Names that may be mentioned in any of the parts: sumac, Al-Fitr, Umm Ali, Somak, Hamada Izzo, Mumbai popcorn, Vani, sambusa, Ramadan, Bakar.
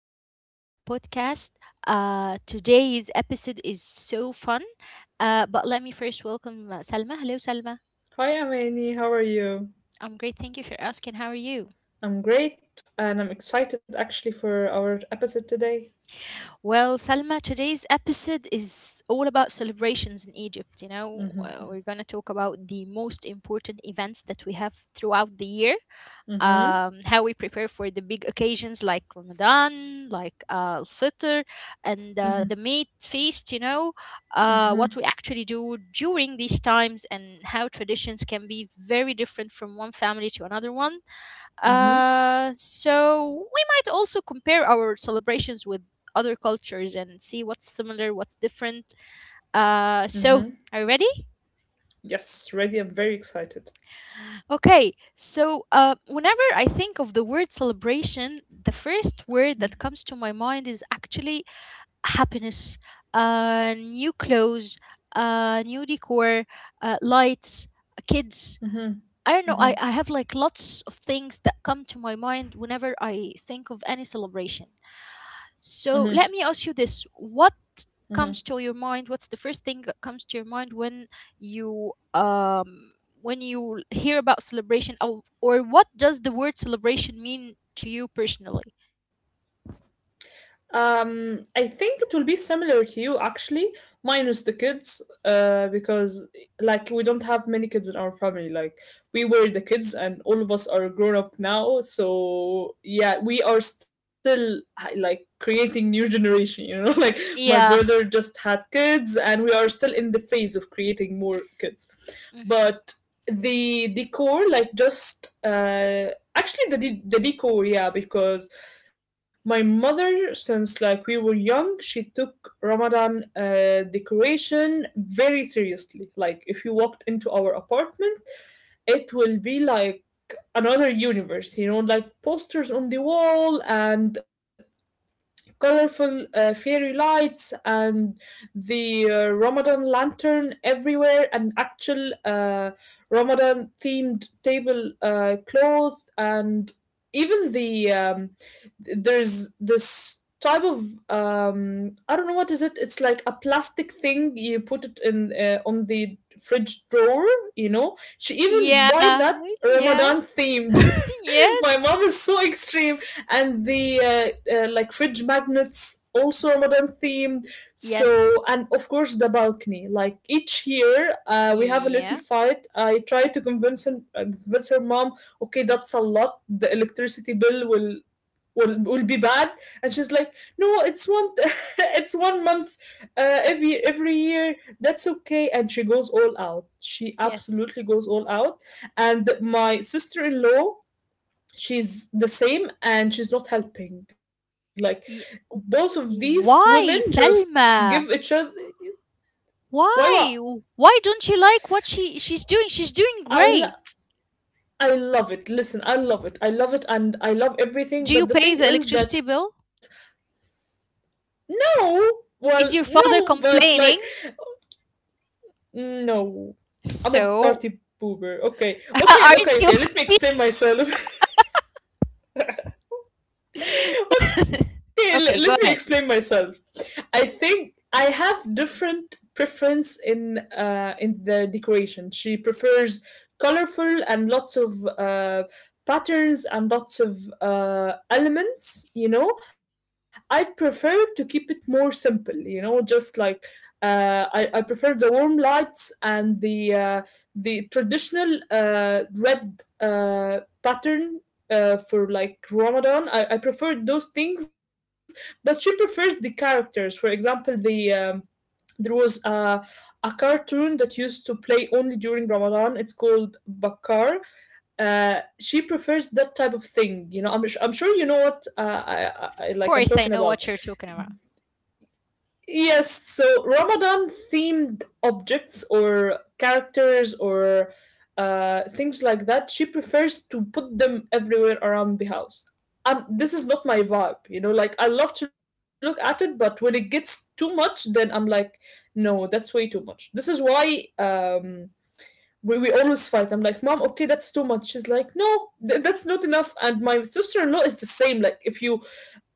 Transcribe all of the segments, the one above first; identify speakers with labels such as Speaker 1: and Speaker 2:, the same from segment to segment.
Speaker 1: new episode of our podcast. Today's episode is so fun, but let me first welcome Salma. Hello, Salma.
Speaker 2: Hi, Amani. How are you?
Speaker 1: I'm great. Thank you for asking. How are you?
Speaker 2: I'm great, and I'm excited actually for our episode today.
Speaker 1: Well, Salma, today's episode is all about celebrations in Egypt. We're going to talk about the most important events that we have throughout the year how we prepare for the big occasions like Ramadan, like Al-Fitr, and the meat feast, what we actually do during these times and how traditions can be very different from one family to another one. So we might also compare our celebrations with other cultures and see what's similar, what's different. Uh, so,
Speaker 2: Mm-hmm.
Speaker 1: are you ready?
Speaker 2: Yes, ready. I'm very excited.
Speaker 1: Okay, so whenever I think of the word celebration, the first word that comes to my mind is actually happiness. New clothes, new decor, lights, kids. I don't know. I have like lots of things that come to my mind whenever I think of any celebration. So let me ask you this. What comes to your mind? What's the first thing that comes to your mind you um when you hear about celebration or what does the word celebration mean to you personally?
Speaker 2: I think it will be similar to you actually, minus the kids, because like we don't have many kids in our family. Like we were the kids, and all of us are grown up now. So yeah, we are still like creating new generation. You know, like my
Speaker 1: Yeah.
Speaker 2: brother just had kids, and we are still in the phase of creating more kids.
Speaker 1: Mm-hmm.
Speaker 2: But the decor, like just Actually, the de- the decor, yeah, because my mother, since like we were young, she took Ramadan decoration very seriously. Like, if you walked into our apartment, it will be like another universe, you know, like posters on the wall and colorful fairy lights and the Ramadan lantern everywhere, and actual Ramadan themed table cloth, and even there's this type of I don't know what is it. It's like a plastic thing you put it in on the fridge drawer. You know, she even
Speaker 1: Yeah.
Speaker 2: buy that
Speaker 1: Yeah.
Speaker 2: Ramadan themed. My
Speaker 1: Yes.
Speaker 2: mom is so extreme and the like fridge magnets also Ramadan theme.
Speaker 1: Yes.
Speaker 2: So and of course the balcony. Like each year, we have a little
Speaker 1: Yeah.
Speaker 2: fight. I try to convince him, convince her mom. Okay, that's a lot. The electricity bill will be bad, and she's like, no, it's one it's 1 month, every year, that's okay, and she goes all out. She absolutely
Speaker 1: Yes.
Speaker 2: goes all out. And my sister-in-law, she's the same, and she's not helping. Like
Speaker 1: Ye-
Speaker 2: both of
Speaker 1: w-
Speaker 2: these women
Speaker 1: Why,
Speaker 2: just give each other...
Speaker 1: Selma?
Speaker 2: Why?
Speaker 1: Why? Why don't you like what she's doing? She's doing
Speaker 2: I lo-
Speaker 1: great.
Speaker 2: I love it. Listen, I love it and I love everything,
Speaker 1: Do you
Speaker 2: but the
Speaker 1: pay
Speaker 2: thing
Speaker 1: the
Speaker 2: is
Speaker 1: electricity
Speaker 2: that...
Speaker 1: bill?
Speaker 2: No. Well,
Speaker 1: Is your
Speaker 2: no,
Speaker 1: father
Speaker 2: but like...
Speaker 1: complaining?
Speaker 2: No, I'm
Speaker 1: So,
Speaker 2: a party pooper. okay
Speaker 1: aren't you
Speaker 2: okay
Speaker 1: happy?
Speaker 2: okay okay let me explain myself. Okay,
Speaker 1: Okay, go
Speaker 2: let me
Speaker 1: ahead.
Speaker 2: explain myself. I think I have different preference in in the decoration. She prefers colorful and lots of patterns and lots of elements. You know, I prefer to keep it more simple. You know, just like. I prefer the warm lights and uh, the traditional red pattern for like Ramadan. I preferred those things, but she prefers the characters. For example, there was a cartoon that used to play only during Ramadan. It's called Bakar. She prefers that type of thing. You know, I'm sure you know what
Speaker 1: Of
Speaker 2: like I'm
Speaker 1: course, I
Speaker 2: talking
Speaker 1: know
Speaker 2: about.
Speaker 1: what you're talking about.
Speaker 2: Yes, so Ramadan themed objects or characters or things like that, she prefers to put them everywhere around the house. This is not my vibe, you know, like I love to look at it, but when it gets too much, then I'm like, no, that's way too much. This is why we always fight. I'm like, Mom, okay, that's too much. She's like, no, that's not enough. And my sister in law is the same. Like, if you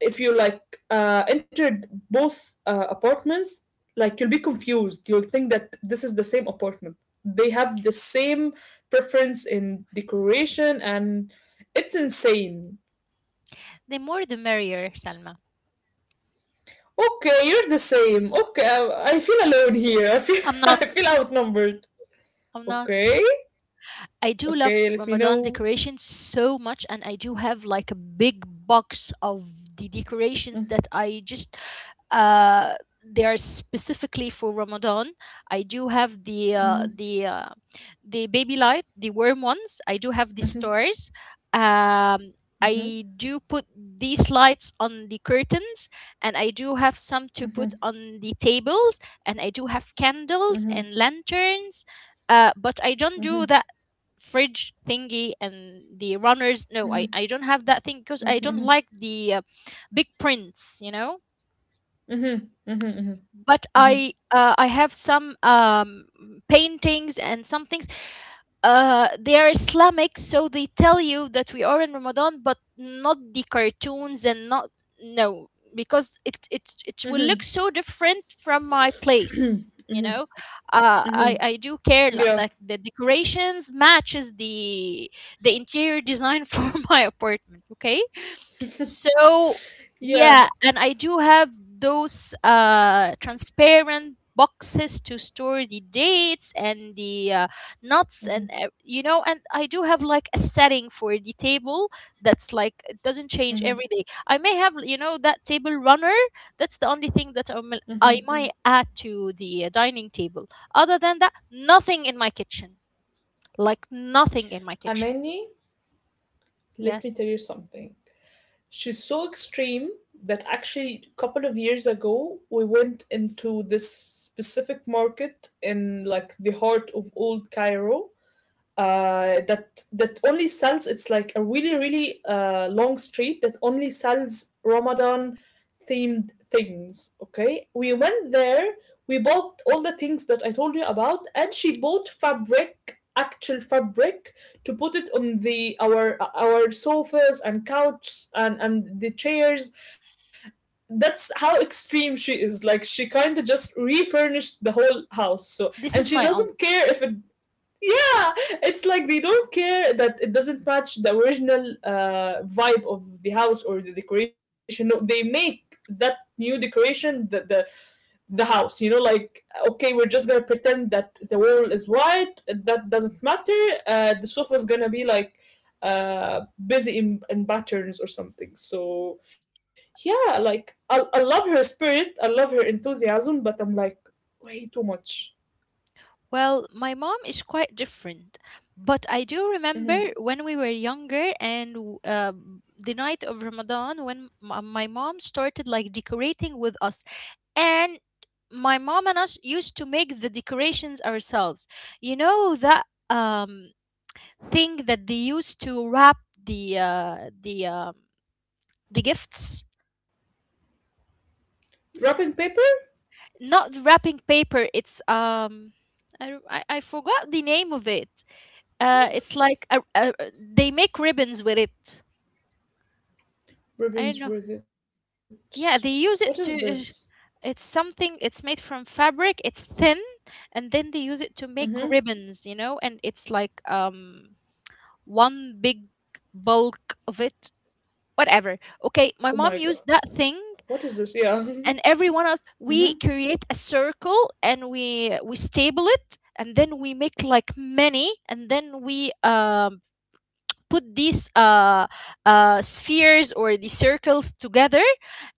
Speaker 2: if you like uh, entered both apartments, like you'll be confused. You'll think that this is the same apartment. They have the same preference in decoration, and it's insane.
Speaker 1: The more the merrier, Salma.
Speaker 2: Okay, you're the same. Okay, I feel alone here. I feel
Speaker 1: I'm not.
Speaker 2: I feel outnumbered.
Speaker 1: I'm not.
Speaker 2: Okay,
Speaker 1: I do
Speaker 2: okay,
Speaker 1: love
Speaker 2: let me
Speaker 1: Ramadan
Speaker 2: know.
Speaker 1: decorations so much, and I do have like a big box of the decorations that I just uh they are specifically for Ramadan. I do have the uh,
Speaker 2: Hmm.
Speaker 1: the uh, the baby light, the worm ones. I do have the
Speaker 2: Hmm.
Speaker 1: stars. Um, I do put these lights on the curtains, and I do have some to put on the tables, and I do have candles and lanterns. But I don't do
Speaker 2: Hmm.
Speaker 1: that fridge thingy and the runners, no, I don't have that thing because I don't like the big prints, you know,
Speaker 2: Mhm, mhm, mhm,
Speaker 1: but
Speaker 2: mhm,
Speaker 1: I have some paintings and some things. They are islamic, so they tell you that we are in ramadan, but not the cartoons and not, no, because it will look
Speaker 2: mhm.
Speaker 1: so different from my place, you know. I do care
Speaker 2: Yeah,
Speaker 1: that the decorations matches the interior design. For my apartment. Okay, so
Speaker 2: yeah.
Speaker 1: yeah, and I do have those transparent boxes to store the dates and the nuts and you know, and I do have like a setting for the table that's like, it doesn't change
Speaker 2: Mhm,
Speaker 1: every day. I may have, you know, that table runner. That's the only thing that
Speaker 2: mhm.
Speaker 1: I might add to the dining table. Other than that, nothing in my kitchen, like nothing in my kitchen.
Speaker 2: Amani, let
Speaker 1: Yes.
Speaker 2: me tell you something. She's so extreme that actually a couple of years ago we went into this specific market in like the heart of old Cairo, that only sells... It's like a really really long street that only sells Ramadan themed things. Okay, we
Speaker 1: Mm.
Speaker 2: went there. We bought all the things that I told you about, and she bought fabric, actual fabric, to put it on the our sofas and couches and the chairs. That's how extreme she is. Like she kind of just refurnished the whole house. So
Speaker 1: This
Speaker 2: and
Speaker 1: is
Speaker 2: she
Speaker 1: my own.
Speaker 2: doesn't care if it... Yeah. It's like they don't care that it doesn't match the original vibe of the house or the decoration. No, they make that new decoration the house, you know. Like, okay, we're just gonna pretend that the wall is white, that doesn't matter. The sofa is gonna be like uh busy in patterns or something. So yeah, like I love her spirit. I love her enthusiasm, but I'm like, way too much.
Speaker 1: Well, my mom is quite different, but I do remember
Speaker 2: Mm-hmm.
Speaker 1: when we were younger and the night of ramadan when my mom started like decorating with us, and my mom and us used to make the decorations ourselves. You know, that thing that they used to wrap the the gifts.
Speaker 2: Wrapping paper.
Speaker 1: Not the wrapping paper, it's um, I, don't- I forgot the name of it. It's like they make ribbons with it, I don't know.
Speaker 2: Ribbons with it.
Speaker 1: Yeah, they
Speaker 2: What
Speaker 1: use
Speaker 2: is
Speaker 1: it to,
Speaker 2: this?
Speaker 1: it's something, it's made from fabric, it's thin, and then they use it to make
Speaker 2: Mm-hmm.
Speaker 1: ribbons, you know, and it's like um, one big bulk of it, whatever. Okay, my mom
Speaker 2: Oh
Speaker 1: used
Speaker 2: my
Speaker 1: that
Speaker 2: god.
Speaker 1: thing,
Speaker 2: What is this? Yeah.
Speaker 1: and everyone else,
Speaker 2: Mm-hmm.
Speaker 1: we create a circle and we stable it, and then we make like many, and then we put these spheres or the circles together,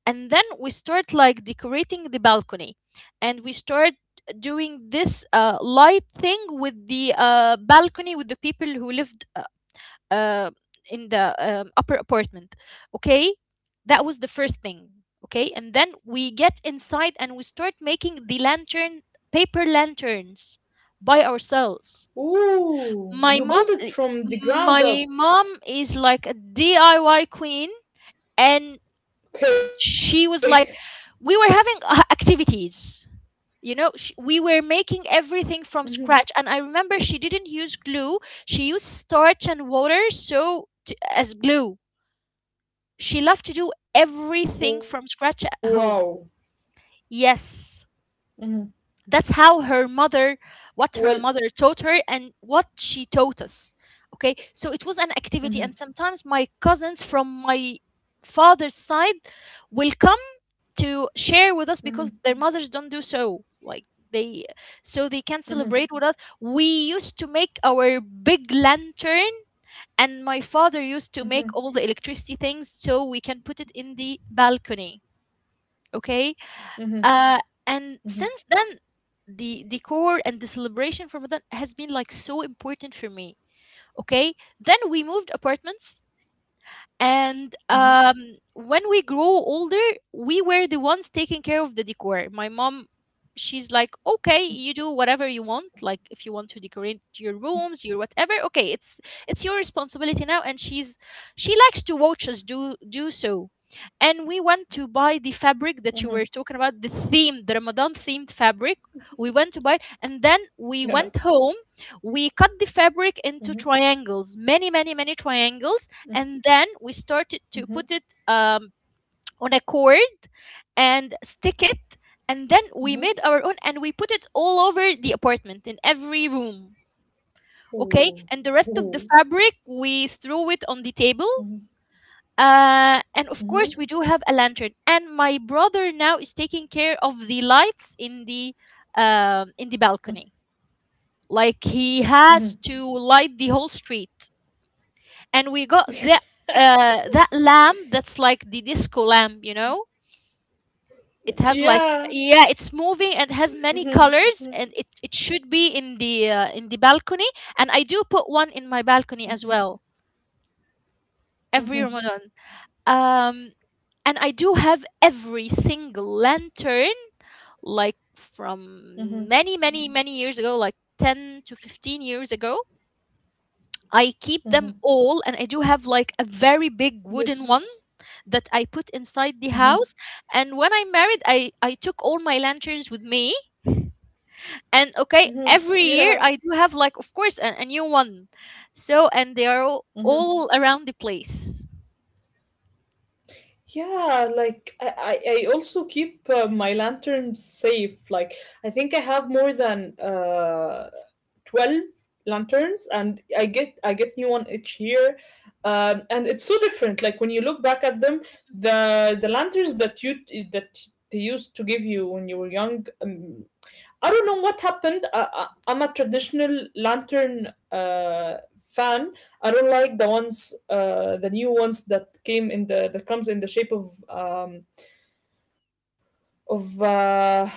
Speaker 1: and then we start like decorating the balcony, and we start doing this light thing with the balcony with the people who lived uh, in the upper apartment. Okay, that was the first thing. Okay, and then we get inside
Speaker 2: Mm-hmm.
Speaker 1: and we start making the lantern, paper lanterns, by ourselves. My
Speaker 2: Ooh. You
Speaker 1: mom,
Speaker 2: built it from the ground
Speaker 1: my
Speaker 2: up.
Speaker 1: mom is like a DIY queen, and
Speaker 2: Okay.
Speaker 1: she was like, we were having activities. You know, sh we were making everything from scratch,
Speaker 2: Mhm.
Speaker 1: and I remember she didn't use glue; she used starch and water to, as glue. She loved to do everything from scratch
Speaker 2: Wow.
Speaker 1: at home. Yes,
Speaker 2: Mm-hmm.
Speaker 1: that's how her mother, what
Speaker 2: Well.
Speaker 1: her mother taught her and what she taught us. Okay, so it was an activity,
Speaker 2: Mm-hmm.
Speaker 1: and sometimes my cousins from my father's side will come to
Speaker 2: Mm-hmm.
Speaker 1: share with us because their mothers don't do so. Like they, so they can
Speaker 2: Mm-hmm.
Speaker 1: celebrate with us. We used to make our big lantern, and my father used to make
Speaker 2: Mm-hmm.
Speaker 1: all the electricity things so we can put it in the balcony. Okay.
Speaker 2: Mm-hmm.
Speaker 1: uh and
Speaker 2: Mm-hmm.
Speaker 1: since then, the decor and the celebration for Ramadan has been like so important for me. Okay, then we moved apartments, and
Speaker 2: Mm-hmm.
Speaker 1: when we grow older, we were the ones taking care of the decor. My mom, she's like, okay, you do whatever you want. Like, if you want to decorate your rooms, your whatever. Okay, it's your responsibility now. And she's, she likes to watch us do so. And we went to buy the
Speaker 2: Mm-hmm.
Speaker 1: fabric that you were talking about, the theme, the Ramadan themed fabric. We went to buy it, and then
Speaker 2: Yeah.
Speaker 1: we went home. We cut the fabric into
Speaker 2: Mm-hmm.
Speaker 1: triangles, many, many, many triangles, and then we started to
Speaker 2: Mm-hmm.
Speaker 1: put it on a cord and stick it,
Speaker 2: Mm-hmm.
Speaker 1: and then we made our own, and we put it all over the apartment in every room. Okay,
Speaker 2: Ooh.
Speaker 1: and the rest of the
Speaker 2: Ooh.
Speaker 1: fabric we threw it on the table.
Speaker 2: Mm-hmm.
Speaker 1: Uh, and of
Speaker 2: Mm-hmm.
Speaker 1: course we do have a lantern, and my brother now is taking care of the lights in the balcony. Like he
Speaker 2: Mm-hmm.
Speaker 1: has to light the whole street, and we got that that lamp that's like the disco lamp, you know. It has like,
Speaker 2: Yeah.
Speaker 1: yeah, it's moving and has many
Speaker 2: Mm-hmm.
Speaker 1: colors, and it should be in the balcony, and I do put one in my balcony as well every ramadan. Um, and I do have every single lantern, like from
Speaker 2: Mm-hmm.
Speaker 1: many many many years ago, like 10 to 15 years ago. I keep them all, and I do have like a very big wooden one
Speaker 2: Yes.
Speaker 1: that I put inside the
Speaker 2: Mm-hmm.
Speaker 1: house. And when I married, I took all my lanterns with me. And okay,
Speaker 2: Mm-hmm.
Speaker 1: every year
Speaker 2: Yeah.
Speaker 1: I do have, like, of course, a new one. So, and they are
Speaker 2: Mm-hmm.
Speaker 1: all around the place.
Speaker 2: Yeah, like I also keep my lanterns safe. Like I think I have more than 12 lanterns, and I get new one each year. And it's so different. Like when you look back at them, the lanterns that you that they used to give you when you were young, I don't know what happened. I'm a traditional lantern fan. I don't like the ones, the new ones that came in the that comes in the shape of of uh,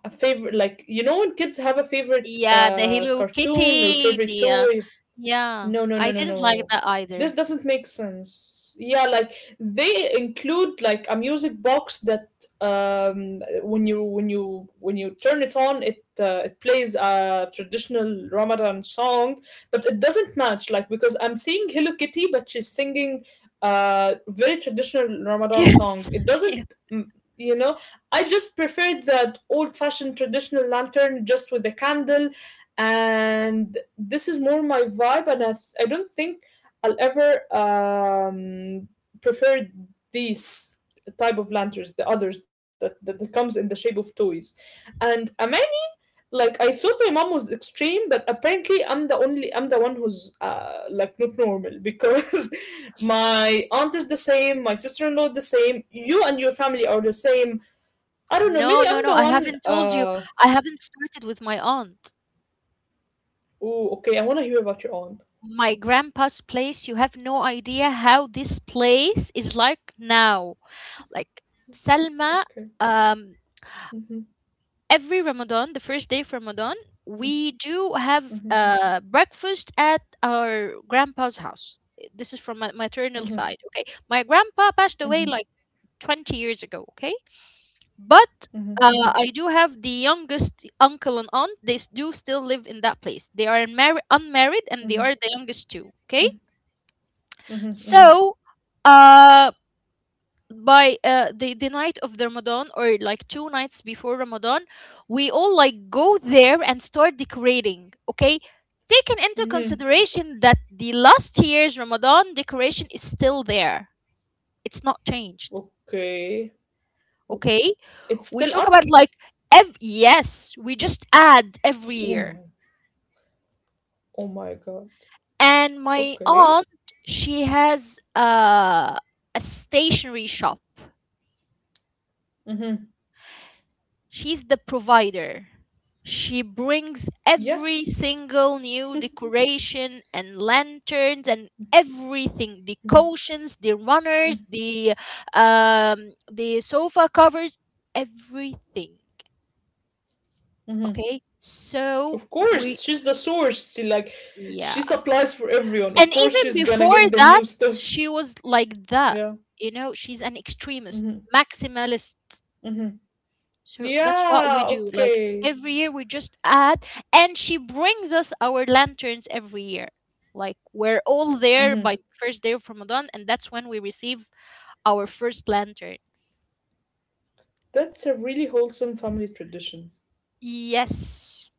Speaker 2: a favorite. Like you know when kids have a favorite
Speaker 1: Yeah, the Hello
Speaker 2: cartoon or
Speaker 1: Kitty,
Speaker 2: favorite toy.
Speaker 1: yeah,
Speaker 2: No, no,
Speaker 1: I
Speaker 2: no, no,
Speaker 1: didn't like
Speaker 2: no.
Speaker 1: that
Speaker 2: This
Speaker 1: either.
Speaker 2: doesn't make sense. Yeah, like they include like a music box that when you turn it on, it plays a traditional Ramadan song, but it doesn't match, like, because I'm seeing Hello Kitty, but she's singing a very traditional Ramadan song.
Speaker 1: Yes.
Speaker 2: It doesn't...
Speaker 1: Yeah.
Speaker 2: mm, you know, I just prefer that old fashioned traditional lantern just with a candle, and this is more my vibe. And I don't think I'll ever prefer these type of lanterns, the others that comes in the shape of toys. And I mean, like, I thought my mom was extreme, but apparently I'm the only I'm the one who's like not normal because my aunt is the same, my sister-in-law the same, you and your family are the same.
Speaker 1: No, no,
Speaker 2: I
Speaker 1: no.
Speaker 2: don't know,
Speaker 1: I
Speaker 2: maybe
Speaker 1: haven't
Speaker 2: I'm the
Speaker 1: told you.
Speaker 2: one
Speaker 1: I haven't started with my aunt.
Speaker 2: oh okay, I want to hear about your aunt.
Speaker 1: My grandpa's place, you have no idea how this place is like now. Like Salma,
Speaker 2: Okay.
Speaker 1: um,
Speaker 2: Hmm.
Speaker 1: every Ramadan, the first day of Ramadan, we do have
Speaker 2: Mhm,
Speaker 1: breakfast at our grandpa's house. This is from my maternal
Speaker 2: mhm,
Speaker 1: side. Okay, my grandpa passed away
Speaker 2: mhm,
Speaker 1: like 20 years ago. Okay, but
Speaker 2: mhm, mhm,
Speaker 1: I do have the youngest uncle and aunt. They do still live in that place. They are unmarried, and they
Speaker 2: mhm,
Speaker 1: are the youngest too. Okay,
Speaker 2: mhm, mhm, mhm,
Speaker 1: so uh by the night of the Ramadan or like two nights before Ramadan, we all like go there and start decorating. Okay, taking into
Speaker 2: mhm.
Speaker 1: consideration that the last year's Ramadan decoration is still there; it's not changed.
Speaker 2: Okay.
Speaker 1: Okay,
Speaker 2: It's
Speaker 1: we
Speaker 2: still
Speaker 1: talk about
Speaker 2: up?
Speaker 1: like yes, we just add every
Speaker 2: Oh
Speaker 1: year.
Speaker 2: my. Oh my God.
Speaker 1: And my
Speaker 2: Okay.
Speaker 1: aunt, she has a stationery shop.
Speaker 2: Mhm.
Speaker 1: She's the provider. She brings every
Speaker 2: Yes.
Speaker 1: single new decoration and lanterns and everything, the
Speaker 2: Mhm,
Speaker 1: cushions, the runners, the sofa covers, everything.
Speaker 2: mhm.
Speaker 1: Okay, so
Speaker 2: Of
Speaker 1: we
Speaker 2: course, she's the source. She like, she
Speaker 1: yeah,
Speaker 2: supplies for everyone. Of
Speaker 1: and
Speaker 2: course,
Speaker 1: even
Speaker 2: she's gonna
Speaker 1: before
Speaker 2: get the
Speaker 1: that,
Speaker 2: new stuff.
Speaker 1: she was like that.
Speaker 2: Yeah.
Speaker 1: You know, she's an extremist,
Speaker 2: Mhm,
Speaker 1: maximalist.
Speaker 2: mhm.
Speaker 1: So that's what we
Speaker 2: Yeah.
Speaker 1: do. Like
Speaker 2: Okay.
Speaker 1: every year we just add, and she brings us our lanterns every year. Like we're all there
Speaker 2: Mhm.
Speaker 1: by first day of Ramadan, and that's when we receive our first lantern.
Speaker 2: That's a really wholesome family tradition.
Speaker 1: Yes.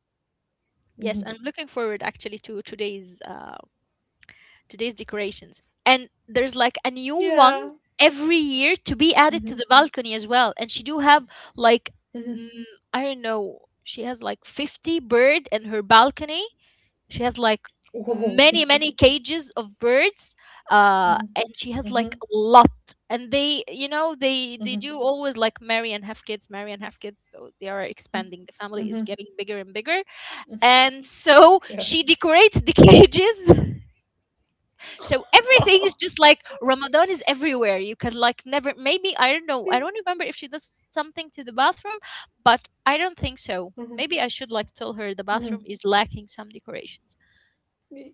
Speaker 1: Yes,
Speaker 2: Mhm.
Speaker 1: I'm looking forward actually to today's decorations. And there's like a new one
Speaker 2: Yeah.
Speaker 1: every year to be added to
Speaker 2: Mhm,
Speaker 1: the balcony as well. And she do have like
Speaker 2: mhm.
Speaker 1: mm, I don't know, she has like 50 bird in her balcony. She has like
Speaker 2: Ooh.
Speaker 1: many many cages of birds. And she has like
Speaker 2: Mhm.
Speaker 1: a lot, and they they
Speaker 2: Mhm.
Speaker 1: do always like marry and have kids, marry and have kids, so they are expanding, the family is
Speaker 2: Mhm.
Speaker 1: getting bigger and bigger. And so
Speaker 2: Yeah.
Speaker 1: she decorates the cages. So everything is just like Ramadan is everywhere. You can like never, maybe I don't know, I don't remember if she does something to the bathroom, but I don't think so. Maybe I should like tell her the bathroom is lacking some decorations.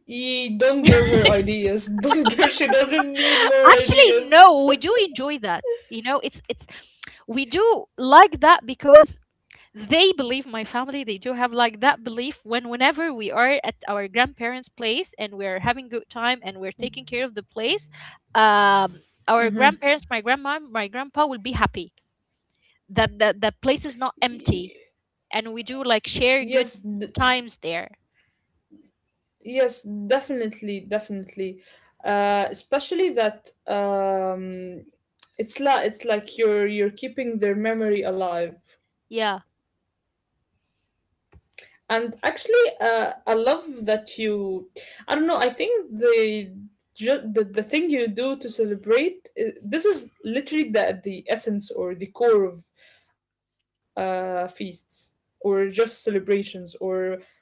Speaker 2: You don't give her ideas. Don't give. She doesn't need more
Speaker 1: Actually,
Speaker 2: ideas.
Speaker 1: no, we do enjoy that. It's we do like that because they believe, my family, they do have like that belief. When whenever we are at our grandparents place and we're having good time and we're taking care of the place, our grandparents, my grandma, my grandpa, will be happy that the place is not
Speaker 2: Y-
Speaker 1: empty, and we do like share good
Speaker 2: Yes. d-
Speaker 1: times there.
Speaker 2: Yes. Definitely. Definitely. Especially that. It's like, it's like you're keeping their memory alive.
Speaker 1: Yeah.
Speaker 2: And actually, I love that you... I don't know. I think the thing you do to celebrate, this is literally the essence or the core of feasts or just celebrations or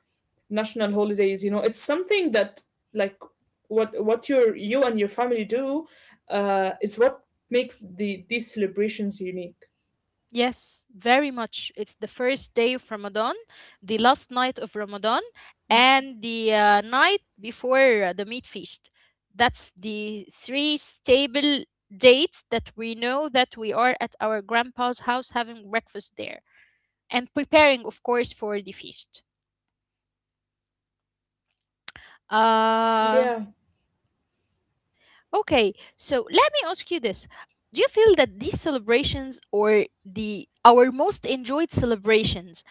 Speaker 2: national holidays. You know, it's something that, like, what your, you and your family do is what makes these celebrations unique.
Speaker 1: Yes, very much. It's the first day of Ramadan, the last night of Ramadan, and the night before the meat feast. That's the three stable dates that we know that we are at our grandpa's house having breakfast there and preparing, of course, for the feast. Uh,
Speaker 2: Yeah.
Speaker 1: Okay, so let me ask you this. Do you feel that these celebrations or the our most enjoyed celebrations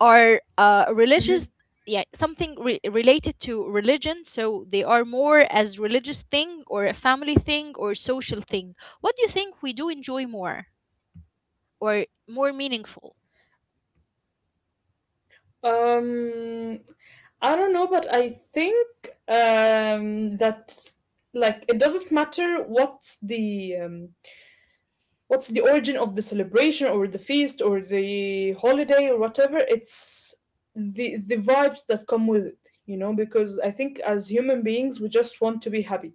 Speaker 1: are religious, yeah, something related to religion, so they are more as religious thing, or a family thing, or social thing? What do you think we do enjoy more, or more meaningful?
Speaker 2: Um, I don't know, but I think that, like, it doesn't matter what's the origin of the celebration or the feast or the holiday or whatever. It's the vibes that come with it, you know. Because I think as human beings, we just want to be happy,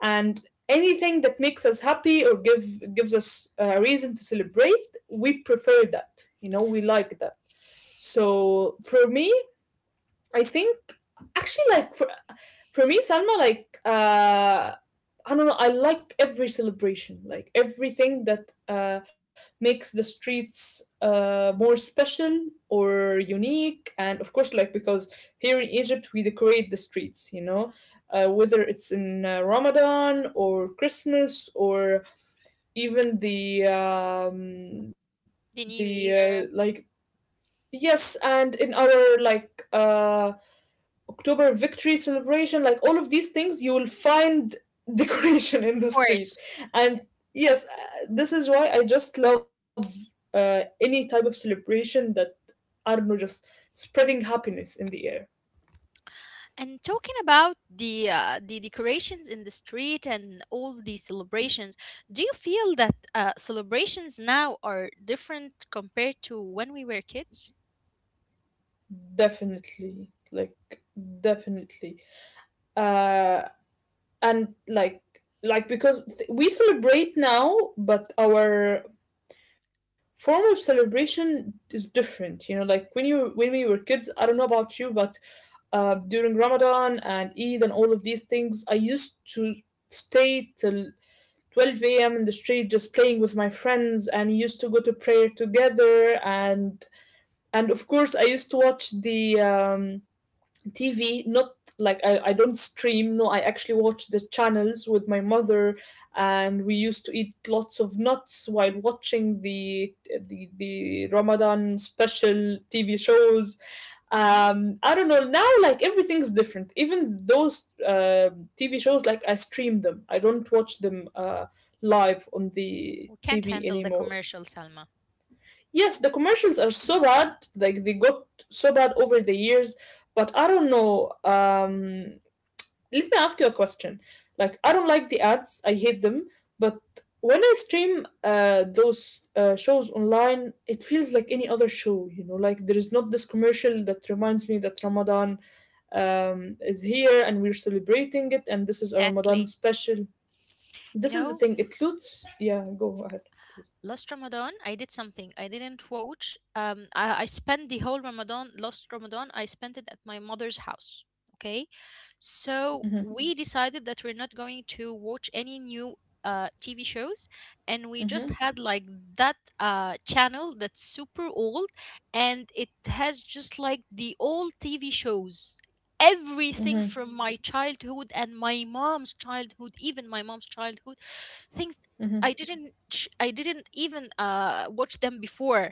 Speaker 2: and anything that makes us happy or gives us a reason to celebrate, we prefer that. You know, we like that. So for me, I think, actually, like for me, Salma, like, I don't know, I like every celebration, like everything that makes the streets more special or unique, and of course, like, because here in Egypt we decorate the streets, you know, whether it's in Ramadan or Christmas or even
Speaker 1: The
Speaker 2: the
Speaker 1: new year,
Speaker 2: like... yes, and in our like October victory celebration, like all of these things, you will find decoration in
Speaker 1: of
Speaker 2: the street.
Speaker 1: course.
Speaker 2: And yes, this is why I just love any type of celebration that, I don't know, just spreading happiness in the air.
Speaker 1: And talking about the the decorations in the street and all the celebrations, do you feel that celebrations now are different compared to when we were kids?
Speaker 2: Definitely. Like, definitely. Uh, and like because we celebrate now, but our form of celebration is different, you know. Like when you when we were kids, I don't know about you, but during Ramadan and Eid and all of these things, I used to stay till 12 a.m. in the street just playing with my friends and used to go to prayer together and of course I used to watch the TV. Not like I don't stream, no, I actually watch the channels with my mother, and we used to eat lots of nuts while watching the Ramadan special TV shows.
Speaker 1: Hmm.
Speaker 2: I don't know, now like everything's different. Even those TV shows, like I stream them. I don't watch them live on the
Speaker 1: We can't
Speaker 2: TV
Speaker 1: handle the
Speaker 2: anymore.
Speaker 1: commercial, Salma.
Speaker 2: Yes, the commercials are so bad, like they got so bad over the years, but I don't know. Let me ask you a question. Like, I don't like the ads, I hate them, but when I stream those shows online, it feels like any other show, you know, like there is not this commercial that reminds me that Ramadan is here and we're celebrating it and this is a Ramadan
Speaker 1: Exactly.
Speaker 2: special.
Speaker 1: You
Speaker 2: This is the
Speaker 1: know,
Speaker 2: thing, it looks, yeah, go ahead, please.
Speaker 1: Last Ramadan, I did something. I didn't watch. I spent the whole Ramadan, last Ramadan. I spent it at my mother's house. Okay. So
Speaker 2: Hmm.
Speaker 1: we decided that we're not going to watch any new TV shows. And we just had like that channel that's super old, and it has just like the old TV shows. Everything
Speaker 2: Hmm.
Speaker 1: from my childhood and my mom's childhood, even my mom's childhood, things I
Speaker 2: Hmm.
Speaker 1: didn't sh- I didn't even watch them before.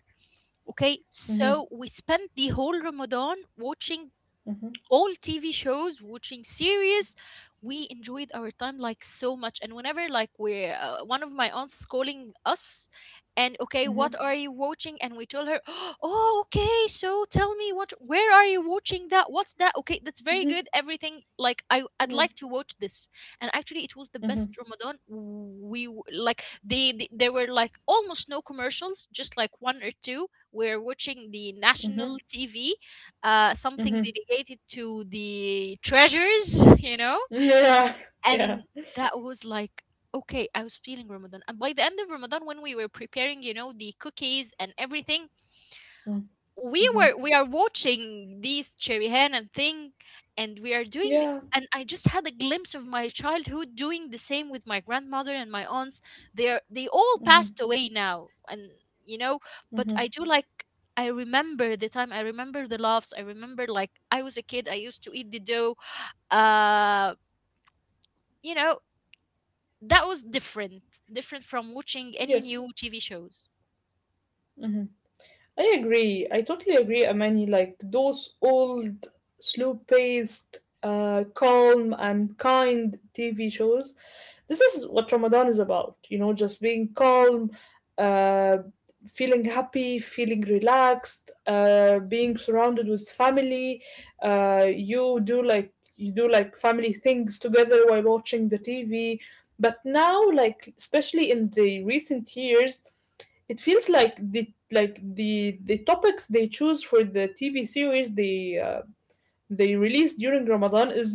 Speaker 1: Okay,
Speaker 2: Mhm,
Speaker 1: so we spent the whole Ramadan watching
Speaker 2: mhm,
Speaker 1: all TV shows, watching series. We enjoyed our time like so much. And whenever like we're one of my aunts is calling us, and okay,
Speaker 2: mhm,
Speaker 1: what are you watching? And we told her, oh, okay, so tell me what, where are you watching that? What's that? Okay, that's very
Speaker 2: mhm,
Speaker 1: good. Everything like I, I'd
Speaker 2: mhm,
Speaker 1: like to watch this. And actually, it was the
Speaker 2: mhm,
Speaker 1: best Ramadan. Like they there were like almost no commercials, just like one or two. We're watching the
Speaker 2: mhm,
Speaker 1: national TV, something
Speaker 2: mhm.
Speaker 1: dedicated to the treasures. You know?
Speaker 2: Yeah, yeah.
Speaker 1: And that was like, okay, I was feeling Ramadan. And by the end of Ramadan, when we were preparing, the cookies and everything,
Speaker 2: Mm, mhm.
Speaker 1: we are watching these cherry hen and thing, and we are doing
Speaker 2: Yeah.
Speaker 1: and I just had a glimpse of my childhood doing the same with my grandmother and my aunts. They all passed away now, and you know,
Speaker 2: Mhm.
Speaker 1: but I do like, I remember the time, I remember the laughs, I remember like I was a kid, I used to eat the dough, uh you know, that was different from watching any
Speaker 2: Yes.
Speaker 1: new TV shows.
Speaker 2: I agree. I totally agree, Amani. Like those old, slow-paced, calm and kind TV shows. This is what Ramadan is about. You know, just being calm, uh, feeling happy, feeling relaxed, being surrounded with family. You do like family things together while watching the TV. But now, like especially in the recent years. It feels like the topics they choose for the TV series they release during Ramadan is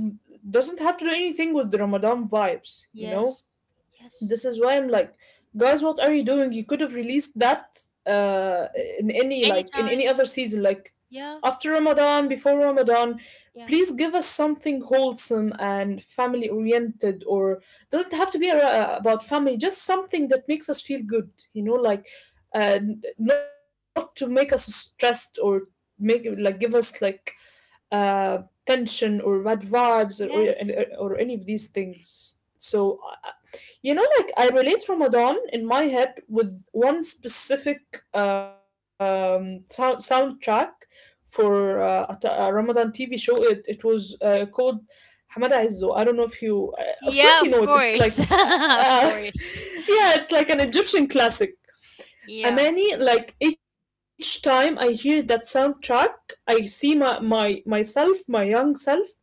Speaker 2: doesn't have to do anything with the Ramadan vibes, you know?
Speaker 1: Yes. Yes.
Speaker 2: This is why I'm like, guys, what are you doing? You could have released that in any like in any
Speaker 1: Anytime.
Speaker 2: other season, like
Speaker 1: Yeah.
Speaker 2: after Ramadan, before Ramadan.
Speaker 1: Yeah.
Speaker 2: Please give us something wholesome and family oriented, or doesn't have to be about family. Just something that makes us feel good, you know, like n- not to make us stressed or make like give us like uh, tension or bad vibes or,
Speaker 1: Yes.
Speaker 2: or, or any of these things. So, uh, you know, like I relate Ramadan in my head with one specific sound soundtrack for a Ramadan TV show. It was called Hamada Izzo. I don't know if you,
Speaker 1: Yeah, of
Speaker 2: of course, you know it.
Speaker 1: course.
Speaker 2: It's like,
Speaker 1: Of course.
Speaker 2: yeah, it's like an Egyptian classic.
Speaker 1: Yeah.
Speaker 2: Amani, like each time I hear that soundtrack, I see my myself, my young self.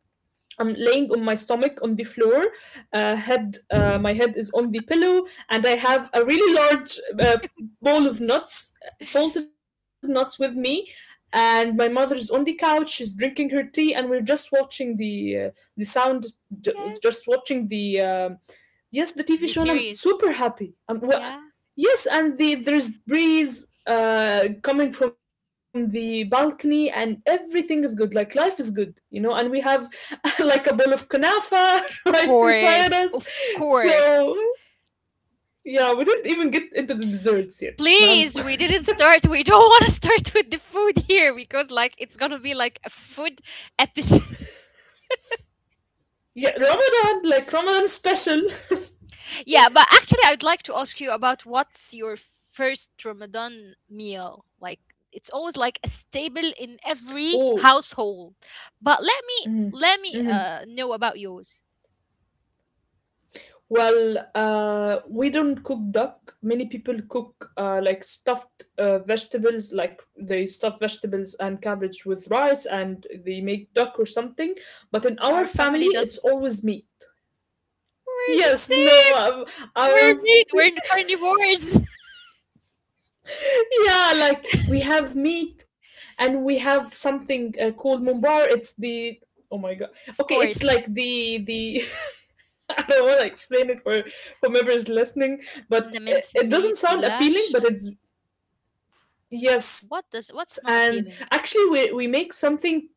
Speaker 2: I'm laying on my stomach on the floor, my head is on the pillow, and I have a really large bowl of nuts, salted nuts with me. And my mother is on the couch, she's drinking her tea, and we're just watching the sound,
Speaker 1: Yes.
Speaker 2: the yes,
Speaker 1: The
Speaker 2: the TV show,
Speaker 1: series.
Speaker 2: and I'm super happy.
Speaker 1: Yeah.
Speaker 2: Yes, and there's breeze coming from the balcony, and everything is good. Like life is good, you know. And we have like a bowl of kunafa
Speaker 1: Of
Speaker 2: right beside
Speaker 1: course.
Speaker 2: us.
Speaker 1: Of
Speaker 2: So
Speaker 1: course.
Speaker 2: yeah, we didn't even get into the desserts yet, man.
Speaker 1: Please, we didn't start. We don't want to start with the food here because, like, it's going to be like a food episode.
Speaker 2: yeah, Ramadan, like Ramadan special.
Speaker 1: Yeah, but actually, I'd like to ask you about what's your first Ramadan meal? Like, it's always like a staple in
Speaker 2: Oh,
Speaker 1: every household. But let me know about yours.
Speaker 2: well, we don't cook duck. Many people cook like stuffed vegetables, like they stuff vegetables and cabbage with rice and they make duck or something. But in our
Speaker 1: Our
Speaker 2: family,
Speaker 1: family
Speaker 2: it's
Speaker 1: doesn't.
Speaker 2: always meat.
Speaker 1: We're the
Speaker 2: Yes, no,
Speaker 1: same. We're
Speaker 2: our.
Speaker 1: meat. We're carnivores.
Speaker 2: Yeah, like we have meat and we have something called mumbar. It's the oh my god.
Speaker 1: Of
Speaker 2: Okay, it's
Speaker 1: course,
Speaker 2: like the I don't want to explain it for whomever is listening, but
Speaker 1: the minced
Speaker 2: it doesn't
Speaker 1: meat
Speaker 2: sound appealing,
Speaker 1: goulash.
Speaker 2: but it's yes,
Speaker 1: What's not
Speaker 2: and
Speaker 1: appealing?
Speaker 2: actually, we make something.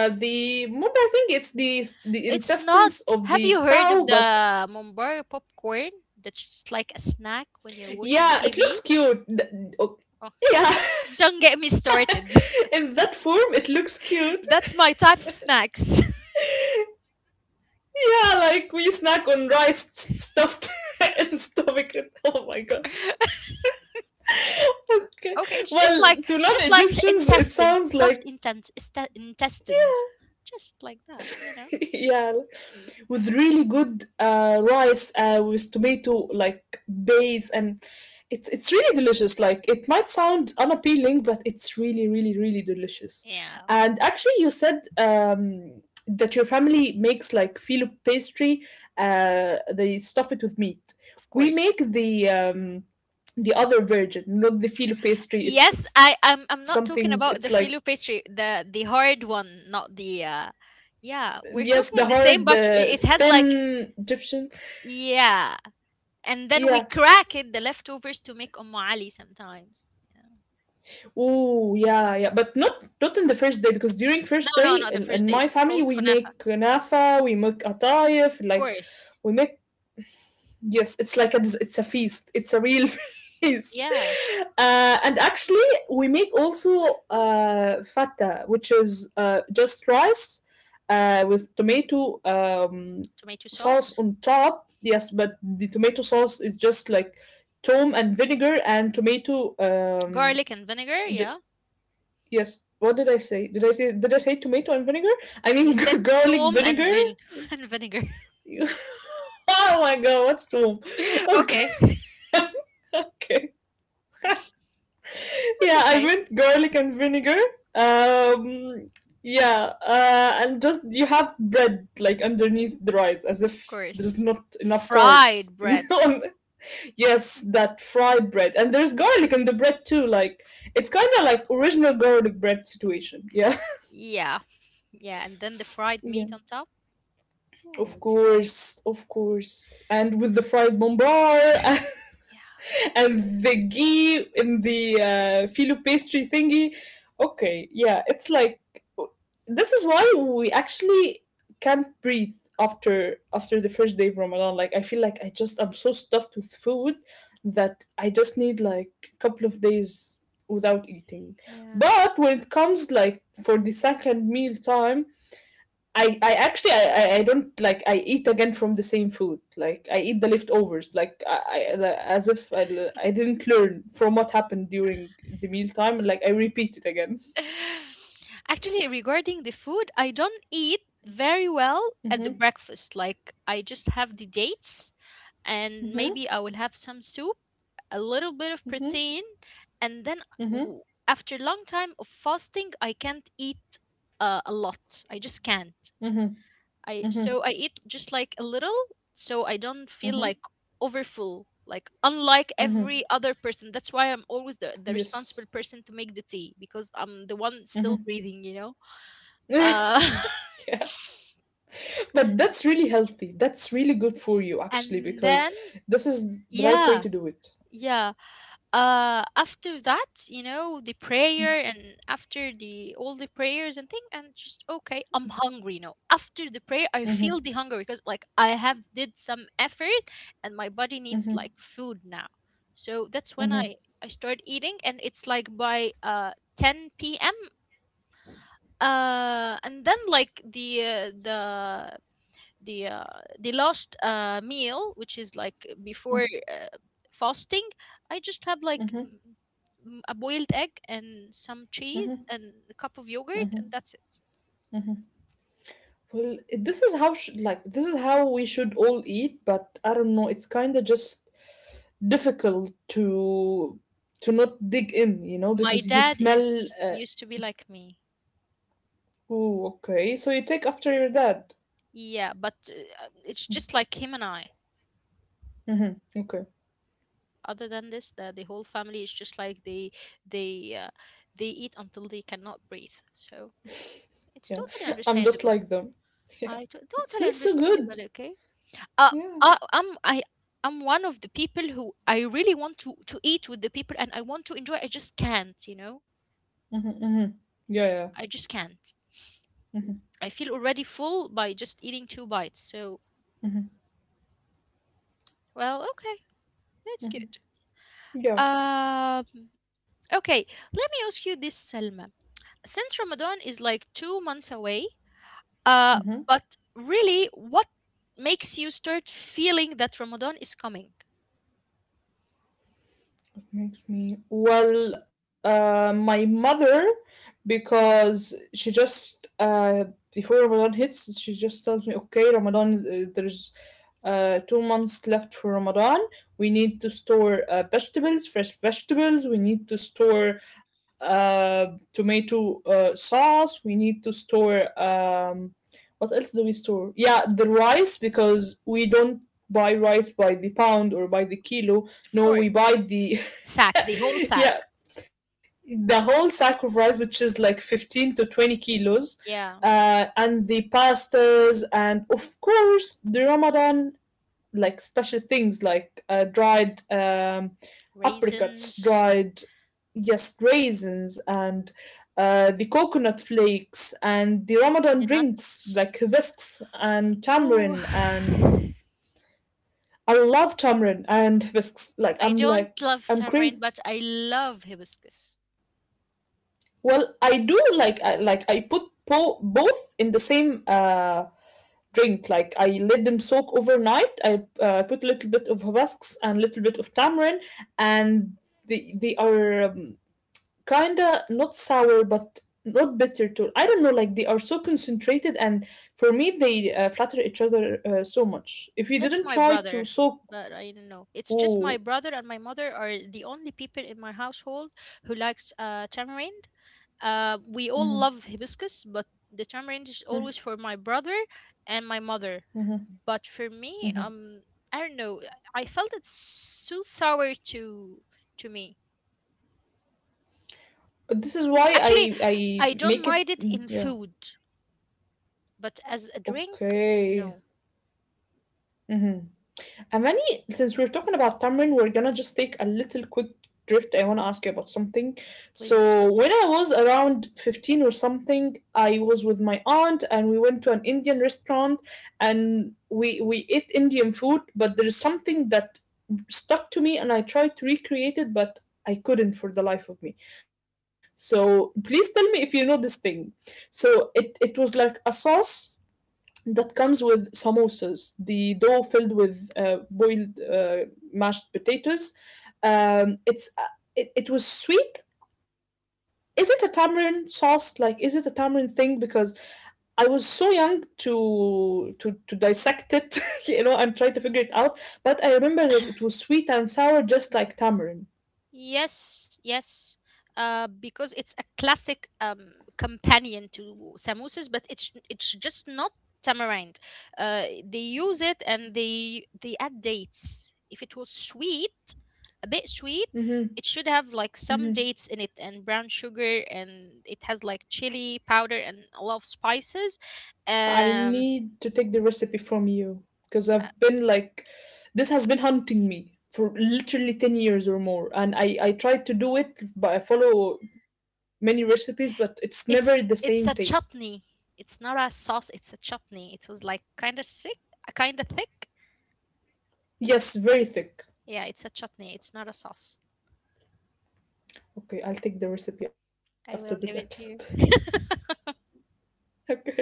Speaker 2: The mumbo, I think it's the
Speaker 1: It's not.
Speaker 2: intestines
Speaker 1: Have you
Speaker 2: of
Speaker 1: heard
Speaker 2: the
Speaker 1: of
Speaker 2: cow,
Speaker 1: the
Speaker 2: but
Speaker 1: Mumbai popcorn? That's just like a snack when you're watching TV.
Speaker 2: yeah, it looks cute. Th-
Speaker 1: Oh,
Speaker 2: o-
Speaker 1: don't
Speaker 2: yeah,
Speaker 1: get me started.
Speaker 2: in that form, it looks cute.
Speaker 1: That's my type of snacks.
Speaker 2: Yeah, like we snack on rice stuffed and stomach. It. Oh my god. Okay.
Speaker 1: Okay, it's just
Speaker 2: Well,
Speaker 1: like
Speaker 2: to non-Egyptians, it
Speaker 1: intestines,
Speaker 2: sounds
Speaker 1: stuffed
Speaker 2: like
Speaker 1: intestines, intestines, just like that, you know?
Speaker 2: yeah, with really good rice with tomato like base and it's really delicious, like it might sound unappealing but it's really really really delicious.
Speaker 1: Yeah,
Speaker 2: And actually you said that your family makes like filo pastry, they stuff it with meat.
Speaker 1: of
Speaker 2: We
Speaker 1: course.
Speaker 2: make the other version, not the filo pastry. It's c-
Speaker 1: Yes, I
Speaker 2: something.
Speaker 1: I'm
Speaker 2: It's
Speaker 1: not
Speaker 2: like
Speaker 1: talking about the filo pastry, the hard one, not the yeah,
Speaker 2: yes,
Speaker 1: we're
Speaker 2: the
Speaker 1: talking the
Speaker 2: hard,
Speaker 1: same, but
Speaker 2: the
Speaker 1: it has like.
Speaker 2: thin Egyptian.
Speaker 1: Yeah, and then we
Speaker 2: Yeah.
Speaker 1: crack it, the leftovers, to make Ali sometimes. Yeah.
Speaker 2: Oh yeah, yeah, but not not in the first day, because during first
Speaker 1: No,
Speaker 2: day
Speaker 1: no, no, the first
Speaker 2: in
Speaker 1: day it's
Speaker 2: my
Speaker 1: it's all
Speaker 2: family we
Speaker 1: kunafa,
Speaker 2: make nafa, we make atayef,
Speaker 1: of
Speaker 2: like
Speaker 1: course.
Speaker 2: we make yes, it's like a des- it's a feast, it's a real feast,
Speaker 1: Yeah,
Speaker 2: and actually we make also fata, which is just rice with tomato
Speaker 1: tomato
Speaker 2: sauce
Speaker 1: sauce,
Speaker 2: on top. Yes, but the tomato sauce is just like tom and vinegar and tomato.
Speaker 1: garlic and vinegar, yeah.
Speaker 2: Yes. What did I say? Did I say tomato and vinegar? I
Speaker 1: You
Speaker 2: mean
Speaker 1: said
Speaker 2: garlic
Speaker 1: tom and
Speaker 2: vinegar.
Speaker 1: vin and vinegar.
Speaker 2: oh my god, what's wrong? Okay,
Speaker 1: Okay,
Speaker 2: okay.
Speaker 1: that's
Speaker 2: Yeah, I
Speaker 1: okay.
Speaker 2: meant garlic and vinegar. Um, yeah, and just you have bread like underneath the rice, as
Speaker 1: Of
Speaker 2: if there's
Speaker 1: course.
Speaker 2: not enough carbs.
Speaker 1: Fried bread.
Speaker 2: on- yes, that fried bread, and there's garlic in the bread too. Like it's kind of like original garlic bread situation. Yeah.
Speaker 1: Yeah. Yeah, and then the fried meat on top. Oh,
Speaker 2: Of course, of course. And with the fried mumbar
Speaker 1: yeah,
Speaker 2: and the ghee in the filo pastry thingy. Okay, yeah, it's like this is why we actually can't breathe after the first day of Ramadan. Like I feel like I'm so stuffed with food that I just need like a couple of days without eating.
Speaker 1: yeah.
Speaker 2: But when it comes like for the second meal time, I don't like I eat again from the same food, like I eat the leftovers, like I li- as if I, l- I didn't learn from what happened during the meal time, like I repeat it again.
Speaker 1: Actually, regarding the food, I don't eat very well at the breakfast. Like, I just have the dates, and maybe I will have some soup, a little bit of
Speaker 2: Mm-hmm,
Speaker 1: protein, and then
Speaker 2: mm-hmm,
Speaker 1: after a long time of fasting, I can't eat a lot. I just can't.
Speaker 2: mm-hmm,
Speaker 1: I
Speaker 2: mm-hmm,
Speaker 1: so I eat just like a little, so I don't feel
Speaker 2: mm-hmm,
Speaker 1: like overfull, like unlike
Speaker 2: mm-hmm.
Speaker 1: every other person. That's why I'm always the responsible
Speaker 2: Yes.
Speaker 1: person to make the tea, because I'm the one still breathing.
Speaker 2: yeah,
Speaker 1: uh
Speaker 2: but that's really healthy. That's really good for you actually
Speaker 1: and
Speaker 2: because
Speaker 1: then,
Speaker 2: this is the right way
Speaker 1: yeah,
Speaker 2: to do it.
Speaker 1: yeah. After that, you know, the prayer, and after the all the prayers and thing, and just okay, I'm hungry. After the prayer I feel the hunger, because like I have did some effort, and my body needs like food now. So that's when I start eating, and it's like by 10 p.m. And then like the uh, the last meal, which is like before uh, fasting. I just have like a boiled egg and some cheese and a cup of yogurt, and that's it.
Speaker 2: Well, this is how this is how we should all eat, but I don't know. It's kind of just difficult to not dig in, you know,
Speaker 1: My
Speaker 2: because you
Speaker 1: dad
Speaker 2: smell.
Speaker 1: is used to be like me.
Speaker 2: Ooh, okay. So you take after your dad.
Speaker 1: Yeah, but it's just like him and I.
Speaker 2: Mm-hmm. Okay.
Speaker 1: Other than this, the whole family is just like they uh, they eat until they cannot breathe. So it's
Speaker 2: Yeah,
Speaker 1: totally
Speaker 2: I'm just
Speaker 1: understandable.
Speaker 2: like them.
Speaker 1: I
Speaker 2: Yeah,
Speaker 1: to-
Speaker 2: it
Speaker 1: totally
Speaker 2: smells so
Speaker 1: understandable.
Speaker 2: good.
Speaker 1: Okay. uh,
Speaker 2: Yeah.
Speaker 1: I, I'm I I'm one of the people who I really want to eat with the people and I want to enjoy. I just can't.
Speaker 2: Mm-hmm, mm-hmm. Yeah,
Speaker 1: I just can't. I feel already full by just eating two bites. So well, okay, that's good.
Speaker 2: yeah, yeah.
Speaker 1: Um, okay, let me ask you this, Selma. Since Ramadan is like 2 months away, uh, but really, what makes you start feeling that Ramadan is coming?
Speaker 2: Makes me, well, my mother, because she just before Ramadan hits she just tells me, okay Ramadan, there's 2 months left for Ramadan. We need to store vegetables, fresh vegetables. We need to store uh tomato sauce. We need to store what else do we store? Yeah, the rice, because we don't buy rice by the pound or by the kilo.
Speaker 1: Of
Speaker 2: No,
Speaker 1: course,
Speaker 2: we buy the
Speaker 1: sack the whole sack.
Speaker 2: yeah, the whole sack of rice, which is like 15 to 20 kilos.
Speaker 1: Yeah,
Speaker 2: And the pastas, and of course the Ramadan like special things, like dried apricots,
Speaker 1: raisins,
Speaker 2: dried yes, raisins, and the coconut flakes and the Ramadan
Speaker 1: the
Speaker 2: drinks
Speaker 1: nuts.
Speaker 2: like hibiscus and
Speaker 1: Oh,
Speaker 2: tamarind. And I love tamarind and hibiscus, like
Speaker 1: I
Speaker 2: I'm
Speaker 1: don't
Speaker 2: like
Speaker 1: love
Speaker 2: I'm
Speaker 1: tamarind,
Speaker 2: crazy.
Speaker 1: but I love hibiscus.
Speaker 2: Well, I do like I put po- both in the same drink. Like I let them soak overnight. I put a little bit of hibiscus and a little bit of tamarind, and they are kinda not sour but not bitter too. I don't know. Like they are so concentrated, and for me they flatter each other so much. If you
Speaker 1: That's
Speaker 2: didn't
Speaker 1: my
Speaker 2: try to
Speaker 1: brother,
Speaker 2: soak,
Speaker 1: but I don't know. It's just my
Speaker 2: oh,
Speaker 1: brother and my mother are the only people in my household who likes tamarind. We all love hibiscus, but the tamarind is always for my brother and my mother. But for me, I don't know. I felt it's too sour to me.
Speaker 2: this is why
Speaker 1: Actually,
Speaker 2: I
Speaker 1: I don't
Speaker 2: make it.
Speaker 1: mind it
Speaker 2: Mm,
Speaker 1: in
Speaker 2: yeah.
Speaker 1: food, but as a drink,
Speaker 2: Okay.
Speaker 1: no.
Speaker 2: Mm-hmm. Amani, since we're talking about tamarind, we're gonna just take a little quick drift. I wanna ask you about something.
Speaker 1: Please.
Speaker 2: So when I was around 15 or something, I was with my aunt and we went to an Indian restaurant, and we ate Indian food, but there's something that stuck to me and I tried to recreate it, but I couldn't for the life of me. So please tell me if you know this thing. So it was like a sauce that comes with samosas, the dough filled with boiled mashed potatoes. It's it, it was sweet. Is it a tamarind sauce? Like, is it a tamarind thing? Because I was so young to dissect it, you know, and try to figure it out. But I remember that it was sweet and sour, just like tamarind.
Speaker 1: Yes, yes. Because it's a classic companion to samosas, but it's just not tamarind. They use it and they add dates. If it was sweet, a bit sweet,
Speaker 2: Hmm.
Speaker 1: it should have like some
Speaker 2: Hmm.
Speaker 1: dates in it and brown sugar, and it has like chili powder and a lot of spices.
Speaker 2: I
Speaker 1: Um,
Speaker 2: need to take the recipe from you, because I've been like, this has been hunting me for literally 10 years or more. And I tried to do it, but I follow many recipes, but it's never the same
Speaker 1: it's
Speaker 2: taste.
Speaker 1: it's a chutney. It's not a sauce. It's a chutney. It was like kind of sick, kind of thick.
Speaker 2: Yes, very thick.
Speaker 1: Yeah, it's a chutney. It's not a sauce.
Speaker 2: Okay, I'll take the recipe after this
Speaker 1: I will
Speaker 2: episode.
Speaker 1: give it to you.
Speaker 2: okay.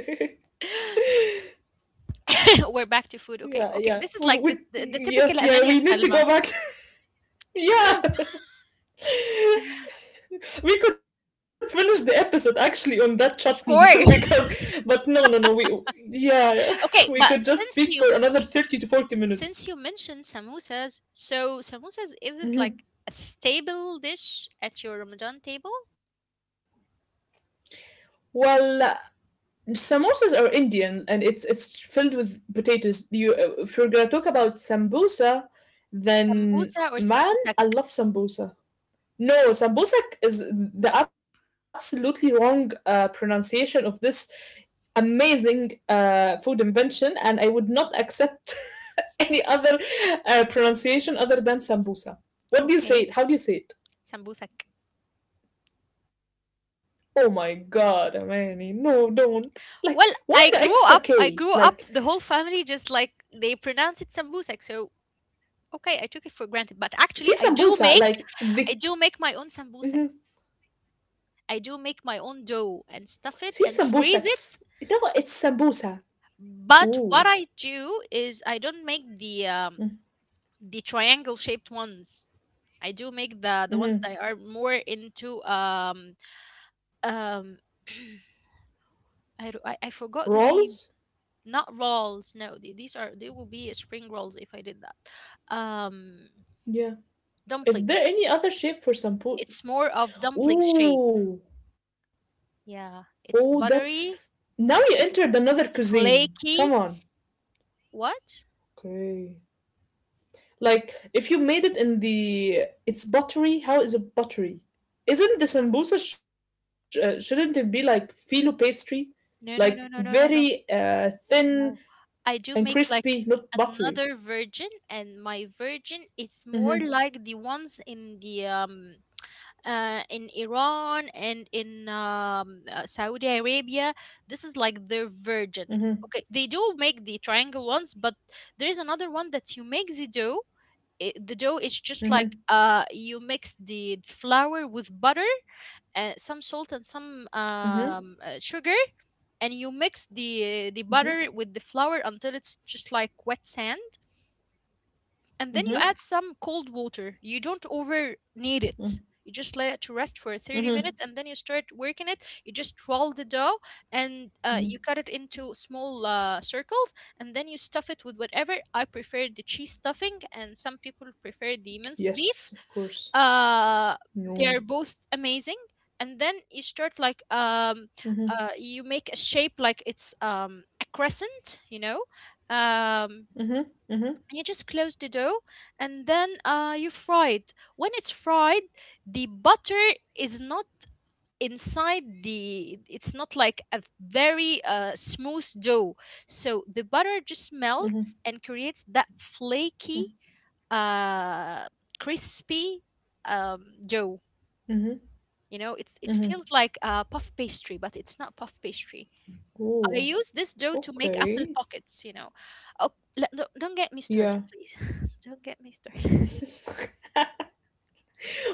Speaker 1: We're back to food.
Speaker 2: Yeah,
Speaker 1: Okay,
Speaker 2: yeah.
Speaker 1: okay. This is
Speaker 2: We,
Speaker 1: like
Speaker 2: we,
Speaker 1: the
Speaker 2: yes,
Speaker 1: typical
Speaker 2: yeah,
Speaker 1: Amani
Speaker 2: we
Speaker 1: and
Speaker 2: need to
Speaker 1: Salma.
Speaker 2: go back. yeah. We could finish the episode actually on that chutney
Speaker 1: Of course.
Speaker 2: because but no no no we yeah yeah. We
Speaker 1: Okay,
Speaker 2: could
Speaker 1: but
Speaker 2: just speak for another 30 to 40 minutes
Speaker 1: since you mentioned samosas, so samosas is it like a staple dish at your Ramadan table?
Speaker 2: Well, samosas are indian and it's filled with potatoes you if you're gonna talk about sambosa then
Speaker 1: Sambusa or
Speaker 2: man
Speaker 1: sambusak?
Speaker 2: I love sambosa. No, Sambusak is the absolutely wrong pronunciation of this amazing food invention, and I would not accept any other pronunciation other than sambusa. What do you say it? How
Speaker 1: Okay,
Speaker 2: do you say it?
Speaker 1: sambusak.
Speaker 2: Oh my god, Amani, no, don't. Like, why the
Speaker 1: Well,
Speaker 2: extra K?
Speaker 1: I
Speaker 2: Like,
Speaker 1: grew up. The whole family just like they pronounce it sambusak. So okay, I took it for granted. But
Speaker 2: see
Speaker 1: actually,
Speaker 2: sambusa, like,
Speaker 1: I
Speaker 2: the.
Speaker 1: do make my own
Speaker 2: Hmm
Speaker 1: sambusaks. I do make my own dough
Speaker 2: See
Speaker 1: and stuff it
Speaker 2: sambusaks.
Speaker 1: and freeze
Speaker 2: No,
Speaker 1: it.
Speaker 2: it's sambusa. Ooh.
Speaker 1: But what I do is I don't make the triangle shaped ones. I do make the ones
Speaker 2: Hmm
Speaker 1: that are more into um I, do- I forgot the
Speaker 2: Rolls?
Speaker 1: name. Not rolls, no, these are, they will be spring rolls if I did that. um
Speaker 2: Yeah. Is there
Speaker 1: dumplings
Speaker 2: any other shape for sampu?
Speaker 1: It's more of dumpling shape.
Speaker 2: Ooh,
Speaker 1: Yeah,
Speaker 2: oh,
Speaker 1: it's
Speaker 2: that's
Speaker 1: buttery,
Speaker 2: now you entered
Speaker 1: it's
Speaker 2: another cuisine. Come
Speaker 1: flaky.
Speaker 2: on.
Speaker 1: What?
Speaker 2: Okay. Like if you made it in the it's buttery. How is it buttery? Isn't the sambusa, shouldn't it be like filo pastry, like
Speaker 1: No, no, no, no,
Speaker 2: very
Speaker 1: no, no, no,
Speaker 2: thin
Speaker 1: no.
Speaker 2: and
Speaker 1: I do make
Speaker 2: crispy, not
Speaker 1: like
Speaker 2: buttery?
Speaker 1: another virgin, and my virgin is more
Speaker 2: Mm-hmm.
Speaker 1: like the ones in Iran and in Saudi Arabia. This is like their version.
Speaker 2: Mm-hmm.
Speaker 1: Okay, they do make the triangle ones, but there is another one that you make the dough. I the dough is just like
Speaker 2: Mm-hmm.
Speaker 1: you mix the flour with butter, some salt and some
Speaker 2: Mm-hmm.
Speaker 1: sugar, and you mix the butter with the flour until it's just like wet sand and then you
Speaker 2: Mm-hmm. Mm-hmm.
Speaker 1: add some cold water. You don't over knead it.
Speaker 2: Mm-hmm.
Speaker 1: You just let it to rest for 30 minutes
Speaker 2: Mm-hmm.
Speaker 1: and then you start working it. You just roll the dough
Speaker 2: Mm-hmm.
Speaker 1: and you cut it into small circles and then you stuff it with whatever. I prefer the cheese stuffing and some people prefer the minced beef.
Speaker 2: Yes, of course.
Speaker 1: Uh, they are
Speaker 2: No.
Speaker 1: both amazing. And then you start like
Speaker 2: Mm-hmm.
Speaker 1: you make a shape like it's a crescent, um,
Speaker 2: Mm-hmm. Mm-hmm.
Speaker 1: you just close the dough and then you fry it when it's fried the butter is not inside the it's not like a very smooth dough, so the butter just melts and creates that flaky, uh, crispy, dough.
Speaker 2: Mm-hmm.
Speaker 1: You know, it
Speaker 2: Mm-hmm.
Speaker 1: feels like puff pastry but it's not puff pastry. I
Speaker 2: Oh,
Speaker 1: use this dough to make apple
Speaker 2: okay.
Speaker 1: pockets. Oh, don't get me started,
Speaker 2: Yeah.
Speaker 1: please. Don't get me started.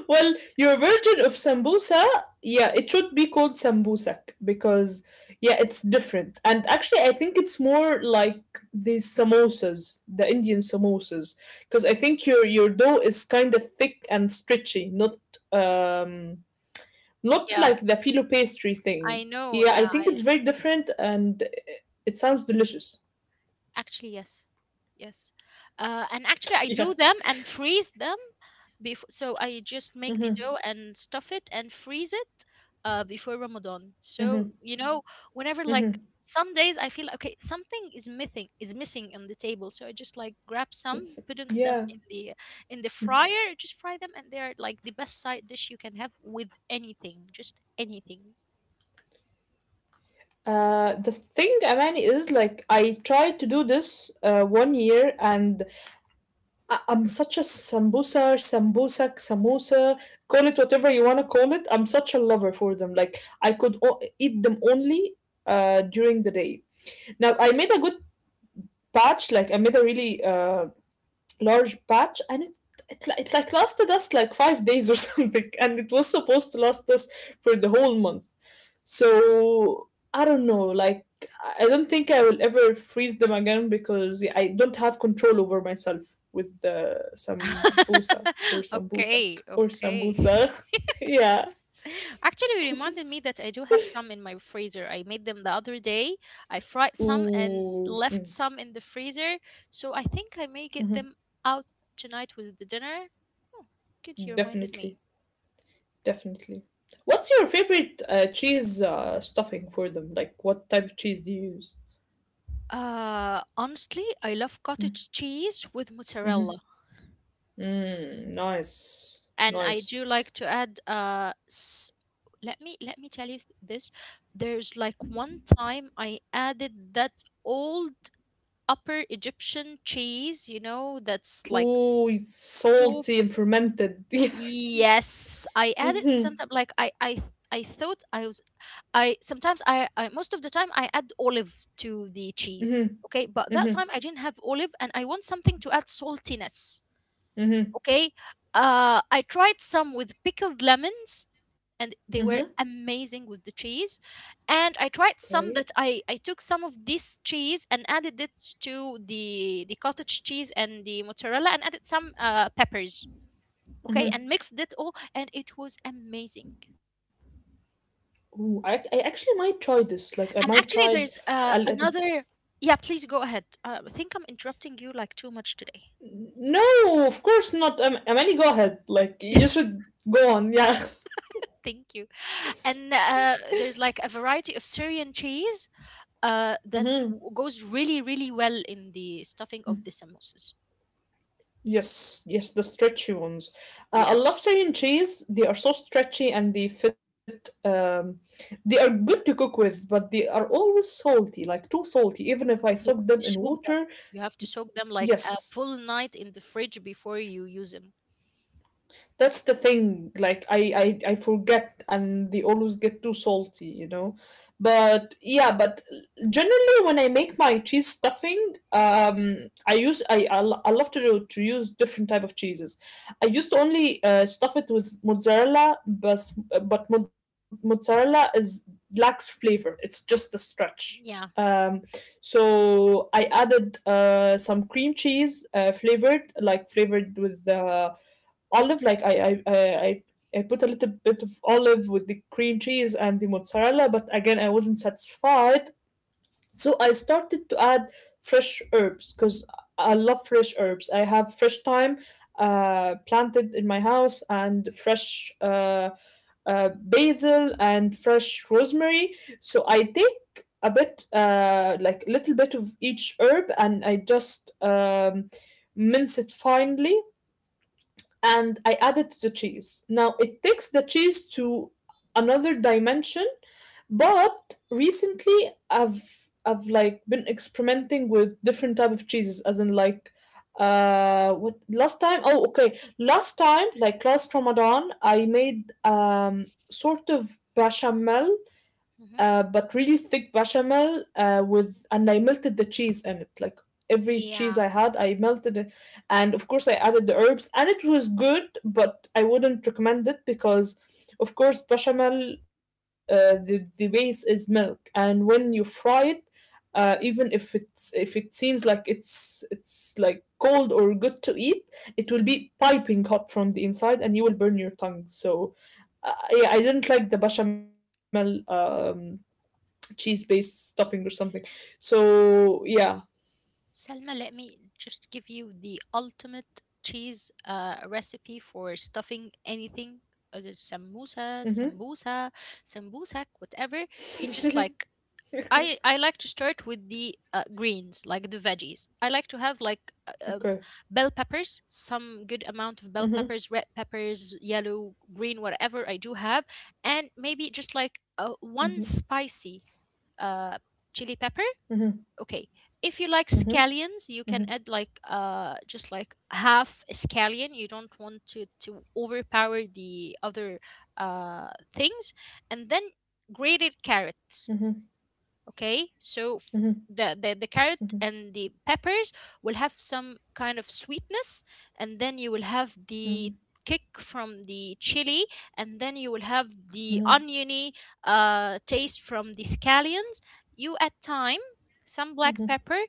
Speaker 2: well, your version of sambusa, yeah, it should be called sambusak because, yeah, it's different. And actually, I think it's more like the samosas, the Indian samosas, because I think your dough is kind of thick and stretchy, not um, not
Speaker 1: Yeah,
Speaker 2: like the filo pastry thing.
Speaker 1: I know.
Speaker 2: Yeah, I
Speaker 1: Yeah, I
Speaker 2: think it's very different, and it sounds delicious.
Speaker 1: actually, yes, yes, and actually I
Speaker 2: yeah.
Speaker 1: do them and freeze them before. So I just make the dough and stuff it and freeze it before Ramadan. So whenever, like,
Speaker 2: Mm-hmm.
Speaker 1: some days I feel okay, something is missing on the table. So I just like grab some, put in them
Speaker 2: Yeah.
Speaker 1: in the fryer, just fry them, and they're like the best side dish you can have with anything, just anything.
Speaker 2: The thing, Amani, is like I tried to do this 1 year, and I'm such a samosa, call it whatever you wanna call it. I'm such a lover for them. Like I could eat them only during the day. Now I made a good patch, like I made a really large patch, and it. It like lasted us like 5 days or something and it was supposed to last us for the whole month so I don't know, like I don't think I will ever freeze them again because I don't have control over myself with the sambusa or sambusak
Speaker 1: Okay,
Speaker 2: or
Speaker 1: okay.
Speaker 2: sambusa. yeah.
Speaker 1: Actually, you reminded me that I do have some in my freezer. I made them the other day. I fried some and
Speaker 2: Ooh.
Speaker 1: left
Speaker 2: Mm.
Speaker 1: some in the freezer. So I think I may get
Speaker 2: Mhm.
Speaker 1: them out tonight with the dinner. Oh, good, you reminded me.
Speaker 2: Definitely. Definitely. What's your favorite cheese stuffing for them? Like, what type of cheese do you use?
Speaker 1: Honestly, I love cottage cheese with
Speaker 2: Mm-hmm.
Speaker 1: mozzarella,
Speaker 2: Mm, nice.
Speaker 1: and I
Speaker 2: Nice.
Speaker 1: do like to add. Let me tell you this. There's like one time I added that old upper Egyptian cheese, you know, that's like
Speaker 2: Ooh, it's
Speaker 1: soup.
Speaker 2: salty and fermented. Yeah.
Speaker 1: Yes, I added
Speaker 2: Mm-hmm.
Speaker 1: sometimes like I thought I was. I sometimes I most of the time I add olive to the cheese.
Speaker 2: mm-hmm.
Speaker 1: Okay, but that
Speaker 2: Mm-hmm.
Speaker 1: time I didn't have olive and I want something to add saltiness.
Speaker 2: Mm-hmm.
Speaker 1: Okay? I tried some with pickled lemons and they
Speaker 2: Mm-hmm.
Speaker 1: were amazing with the cheese. And I tried
Speaker 2: Okay.
Speaker 1: some that I took some of this cheese and added it to the cottage cheese and the mozzarella and added some peppers. Okay, and mixed it all, and it was amazing.
Speaker 2: Ooh, I actually might try this. Like, I
Speaker 1: And
Speaker 2: might
Speaker 1: actually,
Speaker 2: try.
Speaker 1: there's
Speaker 2: I'll, I
Speaker 1: another. Yeah, please go ahead. I think I'm interrupting you like too much today.
Speaker 2: no, of course not. Amani, go ahead. Like, you should go on. Yeah.
Speaker 1: Thank you. And there's like a variety of Syrian cheese that
Speaker 2: Mm-hmm.
Speaker 1: goes really, really well in the stuffing of the samosas.
Speaker 2: Yes, yes, the stretchy ones. I
Speaker 1: Yeah.
Speaker 2: love Syrian cheese. They are so stretchy and they fit. They are good to cook with, but they are always salty, like too salty. Even if I soak
Speaker 1: You
Speaker 2: them
Speaker 1: have
Speaker 2: in
Speaker 1: to soak
Speaker 2: water,
Speaker 1: them. You have to soak them like a
Speaker 2: yes,
Speaker 1: full night in the fridge before you use them.
Speaker 2: that's the thing. Like I forget, and they always get too salty, you know. But yeah, but generally when I make my cheese stuffing, I use I love to do, to use different type of cheeses. I used to only stuff it with mozzarella, but mozzarella is lacks flavor. It's just a stretch.
Speaker 1: Yeah.
Speaker 2: Um, so I added some cream cheese flavored, like flavored with olive like I I put a little bit of olive with the cream cheese and the mozzarella, but again I wasn't satisfied. So I started to add fresh herbs because I love fresh herbs. I have fresh thyme planted in my house and fresh basil and fresh rosemary. So I take a bit, like a little bit of each herb, and I just mince it finely and I added the cheese. Now it takes the cheese to another dimension, but recently I've like been experimenting with different type of cheeses, as in like what last time oh okay last time like last Ramadan I made sort of bechamel
Speaker 1: Hmm.
Speaker 2: but really thick bechamel with and I melted the cheese in it. Like every cheese
Speaker 1: Yeah.
Speaker 2: I had, I melted it, and of course I added the herbs, and it was good. But I wouldn't recommend it because, of course, bechamel the base is milk, and when you fry it, even if it's if it seems like it's like cold or good to eat it will be piping hot from the inside and you will burn your tongue so yeah I didn't like the bechamel cheese based stuffing or something. So yeah.
Speaker 1: Selma, let me just give you the ultimate cheese recipe for stuffing anything, whether it's samosa,
Speaker 2: Mm-hmm.
Speaker 1: sambusa, sambusak, whatever. You just like I like to start with the greens, like the veggies. I like to have like
Speaker 2: Okay.
Speaker 1: bell peppers, some good amount of bell peppers, red
Speaker 2: Mm-hmm.
Speaker 1: peppers, yellow, green, whatever I do have, and maybe just like one spicy uh chili pepper.
Speaker 2: Mm-hmm.
Speaker 1: Okay. If you like
Speaker 2: Mm-hmm.
Speaker 1: scallions, you can
Speaker 2: Mm-hmm.
Speaker 1: add like just like half a scallion. You don't want to overpower the other uh things, and then grated carrots.
Speaker 2: Mm-hmm.
Speaker 1: Okay, so the, the carrot
Speaker 2: Mm-hmm.
Speaker 1: and the peppers will have some kind of sweetness, and then you will have the
Speaker 2: Mm-hmm.
Speaker 1: kick from the chili, and then you will have the oniony taste from the scallions. You add thyme, some
Speaker 2: Mm-hmm.
Speaker 1: black pepper.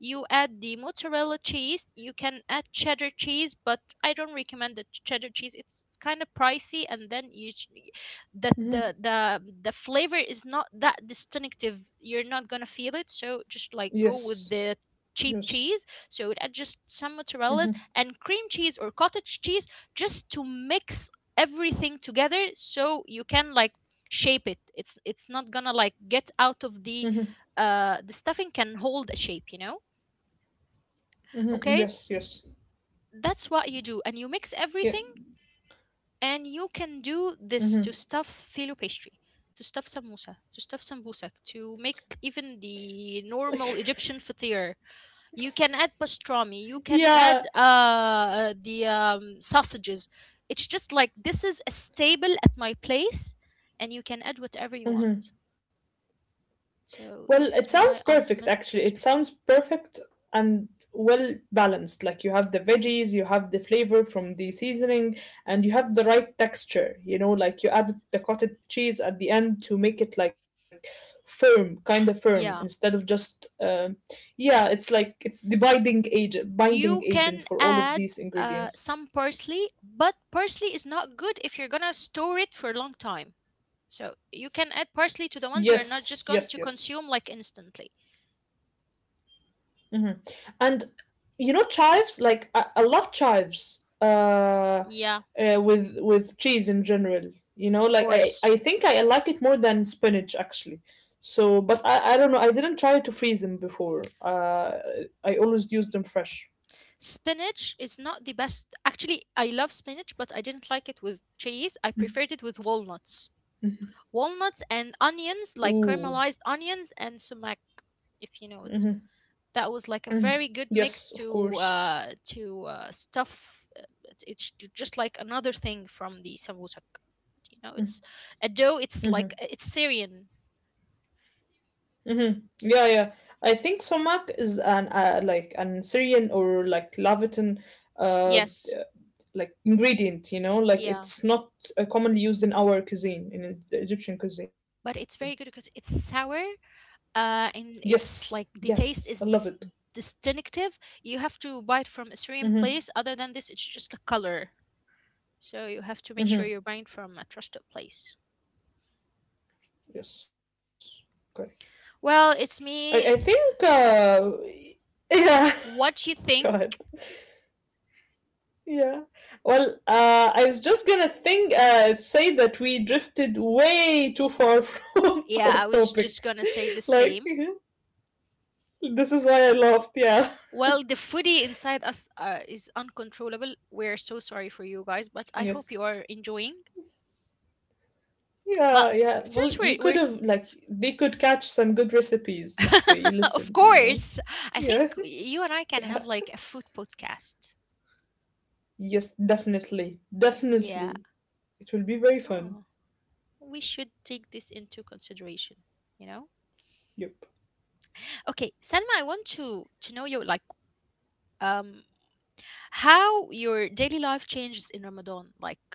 Speaker 1: You add the mozzarella cheese. You can add cheddar cheese, but I don't recommend the cheddar cheese. It's kind of pricey, and then that the
Speaker 2: Mm-hmm.
Speaker 1: the the flavor is not that distinctive. You're not gonna feel it, so just like go
Speaker 2: Yes.
Speaker 1: with the cheap
Speaker 2: Yes.
Speaker 1: cheese. So add just some mozzarellas
Speaker 2: Mm-hmm.
Speaker 1: and cream cheese or cottage cheese just to mix everything together, so you can like shape it. It's not gonna like get out of the. The stuffing can hold a shape.
Speaker 2: Mm-hmm.
Speaker 1: Okay,
Speaker 2: Yes. Yes.
Speaker 1: that's what you do, and you mix everything,
Speaker 2: Yeah.
Speaker 1: and you can do this to
Speaker 2: Mm-hmm.
Speaker 1: stuff filo pastry, to stuff samosa, to stuff sambusak, to make even the normal Egyptian fatir. You can add pastrami, you can
Speaker 2: Yeah.
Speaker 1: add the sausages. It's just like this is a stable at my place, and you can add whatever you want.
Speaker 2: Mm-hmm.
Speaker 1: So
Speaker 2: Well,
Speaker 1: this
Speaker 2: it
Speaker 1: is
Speaker 2: sounds
Speaker 1: my
Speaker 2: perfect
Speaker 1: ultimate
Speaker 2: actually. It
Speaker 1: recipe.
Speaker 2: sounds perfect and well balanced. Like you have the veggies, you have the flavor from the seasoning, and you have the right texture. You know, like you added the cottage cheese at the end to make it like firm, kind of firm,
Speaker 1: Yeah,
Speaker 2: instead of just yeah, it's like it's the
Speaker 1: you
Speaker 2: binding
Speaker 1: can
Speaker 2: agent for all
Speaker 1: add
Speaker 2: of these
Speaker 1: some
Speaker 2: ingredients.
Speaker 1: parsley, but parsley is not good if you're gonna store it for a long time. So you can add parsley to the ones
Speaker 2: Yes,
Speaker 1: you're
Speaker 2: yes,
Speaker 1: not just
Speaker 2: yes.
Speaker 1: going to consume like instantly.
Speaker 2: hmm And you know chives, like I love chives
Speaker 1: Yeah,
Speaker 2: with cheese in general. You know,
Speaker 1: of
Speaker 2: like I
Speaker 1: course.
Speaker 2: I think I like it more than spinach actually. So, but I don't know. I didn't try to freeze them before. I always use them fresh.
Speaker 1: Spinach is not the best. Actually, I love spinach, but I didn't like it with cheese. I preferred it with walnuts. Walnuts and onions, like
Speaker 2: Ooh,
Speaker 1: caramelized onions and sumac, if you know it. That was like a very good mix
Speaker 2: yes, of
Speaker 1: to
Speaker 2: course.
Speaker 1: stuff. It's just like another thing from the sambusak. You know, it's a dough. It's
Speaker 2: Mm-hmm.
Speaker 1: like it's Syrian.
Speaker 2: Mm-hmm. Yeah, yeah. I think Somak is an like an Syrian or like Lavitan uh
Speaker 1: Yes.
Speaker 2: uh, like ingredient, you know, like
Speaker 1: Yeah.
Speaker 2: it's not commonly used in our cuisine, in the Egyptian cuisine.
Speaker 1: But it's very good because it's sour, and
Speaker 2: Yes,
Speaker 1: it's like the
Speaker 2: yes, I love
Speaker 1: taste is
Speaker 2: it.
Speaker 1: distinctive. You have to buy it from a certain
Speaker 2: Mm-hmm.
Speaker 1: place. Other than this, it's just a color, so you have to make sure
Speaker 2: Mm-hmm.
Speaker 1: you're buying from a trusted place.
Speaker 2: Yes. Okay.
Speaker 1: Well,
Speaker 2: I,
Speaker 1: it's
Speaker 2: I
Speaker 1: me.
Speaker 2: think yeah.
Speaker 1: What you
Speaker 2: God.
Speaker 1: think?
Speaker 2: Yeah. Well, I was just gonna think, say that we drifted way too far from
Speaker 1: Yeah,
Speaker 2: our
Speaker 1: I was just
Speaker 2: topic.
Speaker 1: gonna say the
Speaker 2: Like,
Speaker 1: same.
Speaker 2: this is why I laughed. Yeah.
Speaker 1: Well, the foodie inside us, is uncontrollable. We're so sorry for you guys, but I hope you
Speaker 2: Yes.
Speaker 1: are enjoying. But
Speaker 2: Yeah, yeah. Well,
Speaker 1: since we're,
Speaker 2: you
Speaker 1: we're
Speaker 2: could have, like, they could catch some good recipes if they
Speaker 1: of
Speaker 2: listened, you know?
Speaker 1: course. I
Speaker 2: Yeah.
Speaker 1: think you and I can
Speaker 2: Yeah.
Speaker 1: have like a food podcast.
Speaker 2: Yes, definitely.
Speaker 1: Yeah.
Speaker 2: Definitely. It will be very
Speaker 1: Oh,
Speaker 2: fun.
Speaker 1: we should take this into consideration, you know?
Speaker 2: Yep.
Speaker 1: Okay, Selma, I want to know your, like, um how your daily life changes in Ramadan. Like,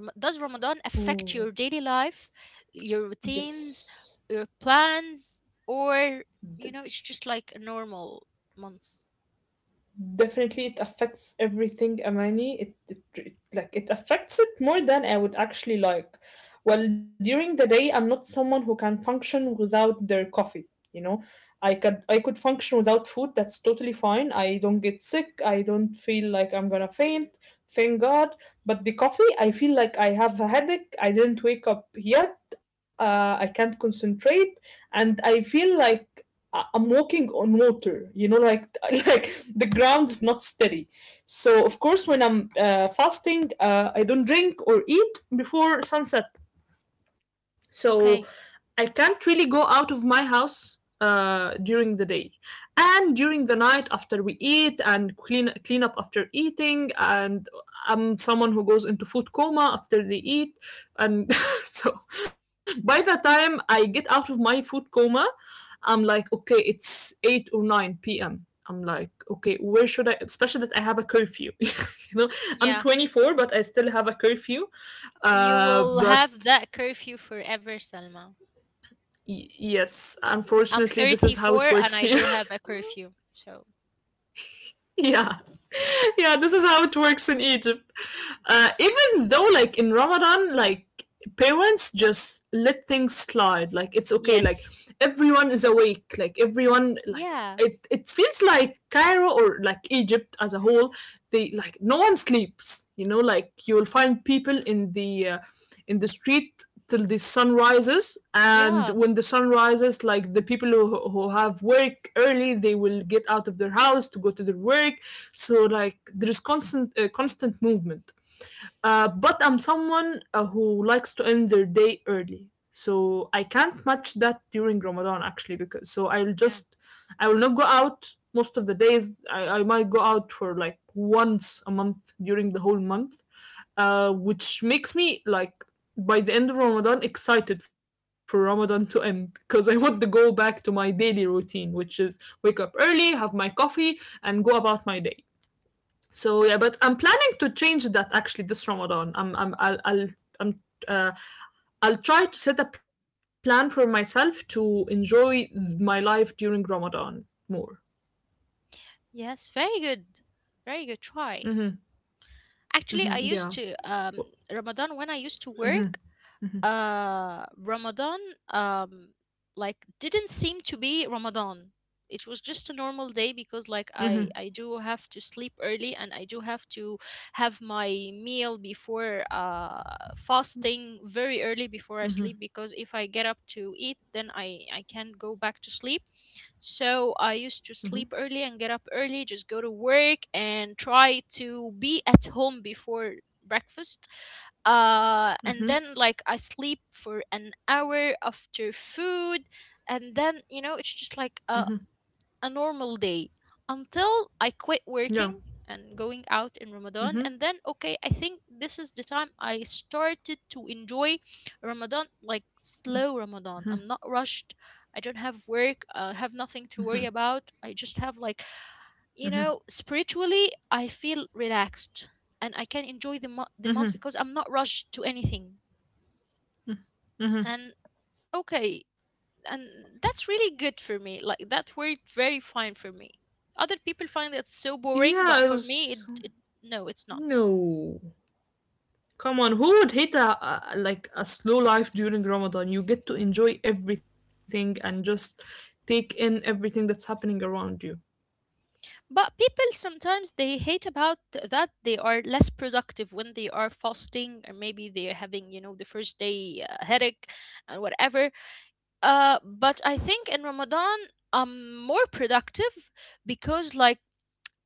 Speaker 1: Does Ramadan affect your
Speaker 2: Ooh,
Speaker 1: daily life, your routines,
Speaker 2: yes.
Speaker 1: your plans, or it's just like a normal month?
Speaker 2: Definitely, it affects everything, Amani. It like it affects it more than I would actually like. Well, during the day, I'm not someone who can function without their coffee. You know, I could function without food. That's totally fine. I don't get sick. I don't feel like I'm gonna faint. Thank God. But the coffee, I feel like I have a headache. I didn't wake up yet. I can't concentrate, and I feel like am walking on water, you know, like like the ground is not steady. So of course, when I'm fasting, I don't drink or eat before sunset so
Speaker 1: Okay.
Speaker 2: I can't really go out of my house during the day, and during the night after we eat and clean up after eating. And I'm someone who goes into food coma after they eat, and so by the time I get out of my food coma, I'm like, okay, it's 8 or 9 p.m. I'm like, okay, where should I? Especially that I have a curfew. you know, I'm 24, but I still have a curfew.
Speaker 1: You
Speaker 2: Uh,
Speaker 1: will
Speaker 2: but
Speaker 1: have that curfew forever, Salma.
Speaker 2: Yes, unfortunately,
Speaker 1: I'm
Speaker 2: this is how it
Speaker 1: 34
Speaker 2: works here.
Speaker 1: and I do have a curfew. So,
Speaker 2: yeah. yeah, this is how it works in Egypt. Even though, like in Ramadan, like parents just let things slide. Like it's okay. Like
Speaker 1: yes.
Speaker 2: everyone is awake. Like everyone, like
Speaker 1: Yeah.
Speaker 2: it. It feels like Cairo or like Egypt as a whole. They like no one sleeps. You know, like you'll find people in the street till the sun rises and
Speaker 1: Yeah.
Speaker 2: when the sun rises like the people who, have work early they will get out of their house to go to their work so like there is constant constant movement. But I'm someone who likes to end their day early, so I can't match that during Ramadan actually because so
Speaker 1: Yeah.
Speaker 2: I will not go out most of the days. I might go out for like once a month during the whole month, which makes me like by the end of Ramadan excited for Ramadan to end because I want to go back to my daily routine, which is wake up early, have my coffee, and go about my day. So yeah, but I'm planning to change that actually this Ramadan. I'm I'll I'm uh, I'll try to set a plan for myself to enjoy my life during Ramadan more.
Speaker 1: Yes. Very good. Very good try. Actually, I used
Speaker 2: Hmm
Speaker 1: to,
Speaker 2: yeah,
Speaker 1: Ramadan, when I used to work, Ramadan, um like, didn't seem to be Ramadan. It was just a normal day because like I do have to sleep early, and I do have to have my meal before fasting very early before I sleep, because if I get up to eat, then I can't go back to sleep. So I used to sleep early and get up early, just go to work and try to be at home before breakfast. And then, like, I sleep for an hour after food. And then, it's just like a normal day, until I quit working
Speaker 2: yeah,
Speaker 1: and going out in Ramadan. And then, okay, I think this is the time I started to enjoy Ramadan, like slow Ramadan. I'm not rushed. I don't have work. I have nothing to worry about. I just have, like, spiritually, I feel relaxed, and I can enjoy the months because I'm not rushed to anything. And okay, and that's really good for me, like that worked very fine for me. Other people find it so boring,
Speaker 2: yeah. It
Speaker 1: but for me
Speaker 2: was
Speaker 1: it. No, it's not.
Speaker 2: no. Come on, who would hate a like a slow life during Ramadan? You get to enjoy everything and just take in everything that's happening around you.
Speaker 1: But people sometimes, they hate about that they are less productive when they are fasting, or maybe they're having, the first day, headache and whatever. But I think in Ramadan, I'm more productive, because like,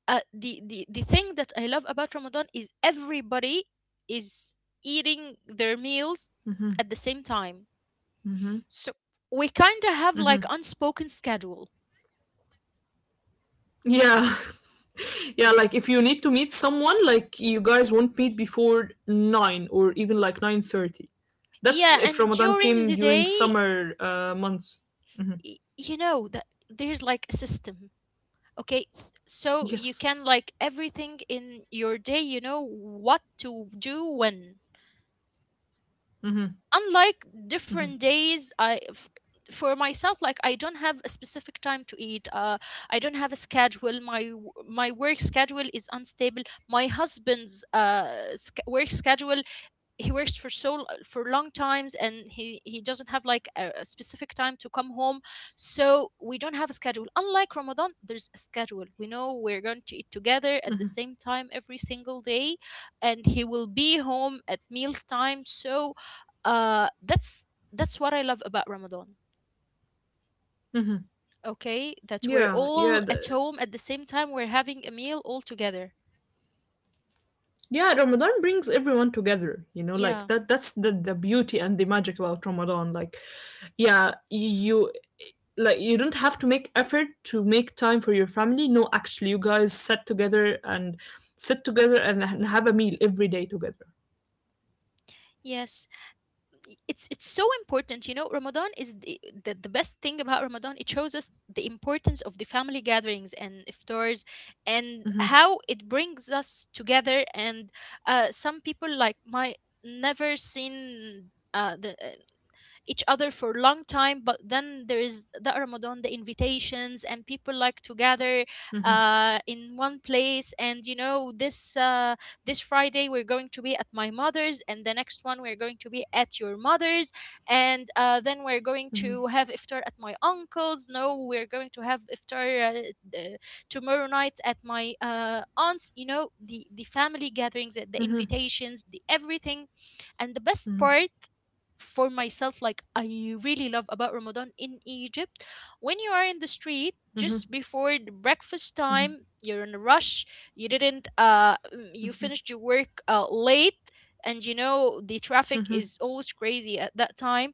Speaker 1: the, the thing that I love about Ramadan is everybody is eating their meals at the same time.
Speaker 2: Hmm
Speaker 1: So we kind of have like unspoken schedule.
Speaker 2: Yeah. Yeah, like if you need to meet someone, like you guys won't meet before 9 or even like 9:30. That's
Speaker 1: Yeah,
Speaker 2: if
Speaker 1: and
Speaker 2: Ramadan
Speaker 1: during
Speaker 2: came
Speaker 1: the
Speaker 2: during
Speaker 1: day,
Speaker 2: summer months.
Speaker 1: you know that there's like a system. Okay, so you can
Speaker 2: Yes.
Speaker 1: like everything in your day, you know what to do when. Unlike different days, for myself, like I don't have a specific time to eat, I don't have a schedule. My work schedule is unstable. My husband's, work schedule, he works for long times, and he doesn't have like a specific time to come home. So we don't have a schedule. Unlike Ramadan, there's a schedule. We know we're going to eat together at the same time every single day, and he will be home at meals time. So uh that's that's what I love about Ramadan. Okay, that we're
Speaker 2: Yeah. Yeah.
Speaker 1: all
Speaker 2: The,
Speaker 1: at home at the same time, we're having a meal all together.
Speaker 2: yeah. Ramadan brings everyone together. You know, like
Speaker 1: Yeah.
Speaker 2: that. That's the beauty and the magic about Ramadan. Like, yeah, you like you don't have to make effort to make time for your family. No, actually, you guys sit together and have a meal every day together.
Speaker 1: Yes, it's so important. You know, Ramadan is the best thing about Ramadan. It shows us the importance of the family gatherings and iftars, and
Speaker 2: Hmm
Speaker 1: how it brings us together. And some people, like my, never seen the each other for a long time, but then there is the Ramadan, the invitations, and people like to gather in one place. And you know this, this Friday we're going to be at my mother's, and the next one we're going to be at your mother's, and then we're going to have iftar at my uncle's. No, we're going to have iftar tomorrow night at my aunt's. You know, the family gatherings, the invitations, the everything. And the best part, for myself, like I really love about Ramadan in Egypt, when you are in the street just before the breakfast time, you're in a rush. You didn't uh mm, You finished your work late, and you know the traffic is always crazy at that time.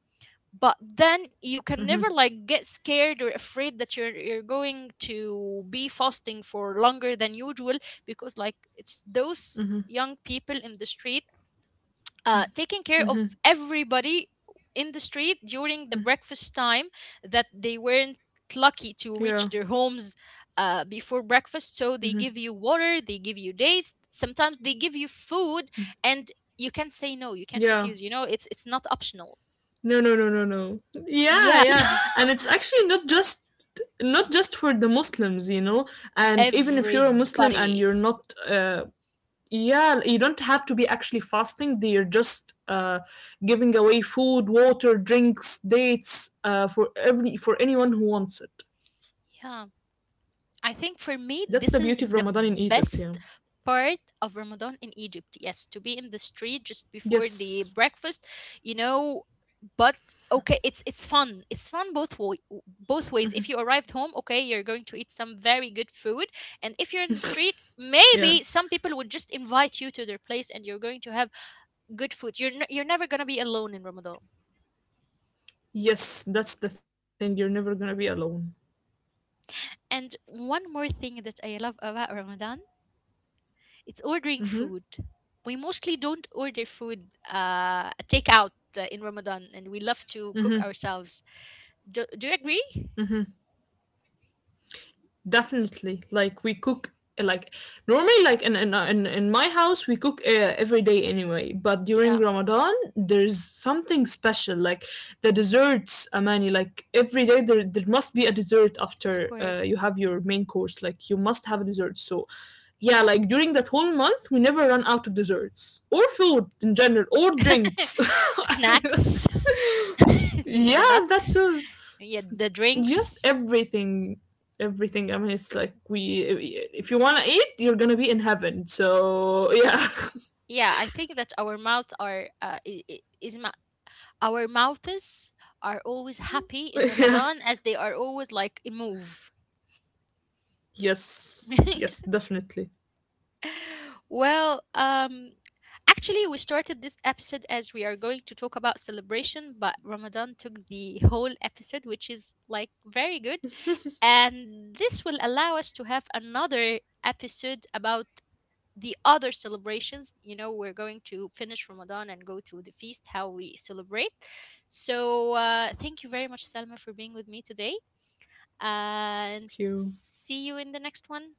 Speaker 1: But then you can never like get scared or afraid that you're going to be fasting for longer than usual, because like it's those young people in the street, taking care of everybody in the street during the breakfast time, that they weren't lucky
Speaker 2: Yeah.
Speaker 1: to reach their homes before breakfast. So they give you water, they give you dates, sometimes they give you food, and you can't say no, you can't
Speaker 2: Yeah.
Speaker 1: refuse. You know, it's not optional.
Speaker 2: No, no, no, no, no. Yeah,
Speaker 1: Yeah,
Speaker 2: yeah. And it's actually not just for the Muslims, you know. And even if you're a Muslim and you're
Speaker 1: everybody.
Speaker 2: not yeah, you don't have to be actually fasting. They're just giving away food, water, drinks, dates for every for anyone who wants it.
Speaker 1: Yeah. I think for me,
Speaker 2: That's the
Speaker 1: this is
Speaker 2: beauty of
Speaker 1: the
Speaker 2: Ramadan in Egypt,
Speaker 1: best
Speaker 2: yeah.
Speaker 1: part of Ramadan in Egypt. Yes, to be in the street just before the
Speaker 2: Yes.
Speaker 1: breakfast, you know. But okay, it's fun. It's fun both way, both ways. If you arrived home, okay, you're going to eat some very good food, and if you're in the street,
Speaker 2: Yeah.
Speaker 1: maybe some people would just invite you to their place, and you're going to have good food. You're never gonna be alone in Ramadan.
Speaker 2: Yes, that's the thing. You're never going to be alone.
Speaker 1: And one more thing that I love about Ramadan. It's ordering
Speaker 2: Mm-hmm.
Speaker 1: food. We mostly don't order food, takeout, in Ramadan, and we love to cook ourselves. Do you agree?
Speaker 2: Definitely. Like we cook like normally like in my house we cook every day anyway, but during
Speaker 1: Yeah,
Speaker 2: Ramadan there's something special like the desserts Amani like every day there must be a dessert
Speaker 1: of
Speaker 2: after
Speaker 1: course.
Speaker 2: you have your main course like you must have a dessert. So yeah, like during that whole month we never run out of desserts or food in general or drinks.
Speaker 1: Snacks, the
Speaker 2: Yeah, that
Speaker 1: nuts,
Speaker 2: too.
Speaker 1: yeah,
Speaker 2: S-
Speaker 1: the
Speaker 2: Just
Speaker 1: drinks.
Speaker 2: everything, everything. I mean, it's like we. If you wanna eat, you're gonna be in heaven. So yeah,
Speaker 1: Yeah, I think that our mouth are our mouths are always happy in
Speaker 2: yeah.
Speaker 1: Ramadan as they are always like in move.
Speaker 2: Yes, yes, definitely.
Speaker 1: Well, actually, we started this episode as we are going to talk about celebration, but Ramadan took the whole episode, which is like very good. And this will allow us to have another episode about the other celebrations. You know, we're going to finish Ramadan and go to the feast, how we celebrate. So, thank you very much, Salma, for being with me today. And
Speaker 2: Thank You
Speaker 1: see you in the next one.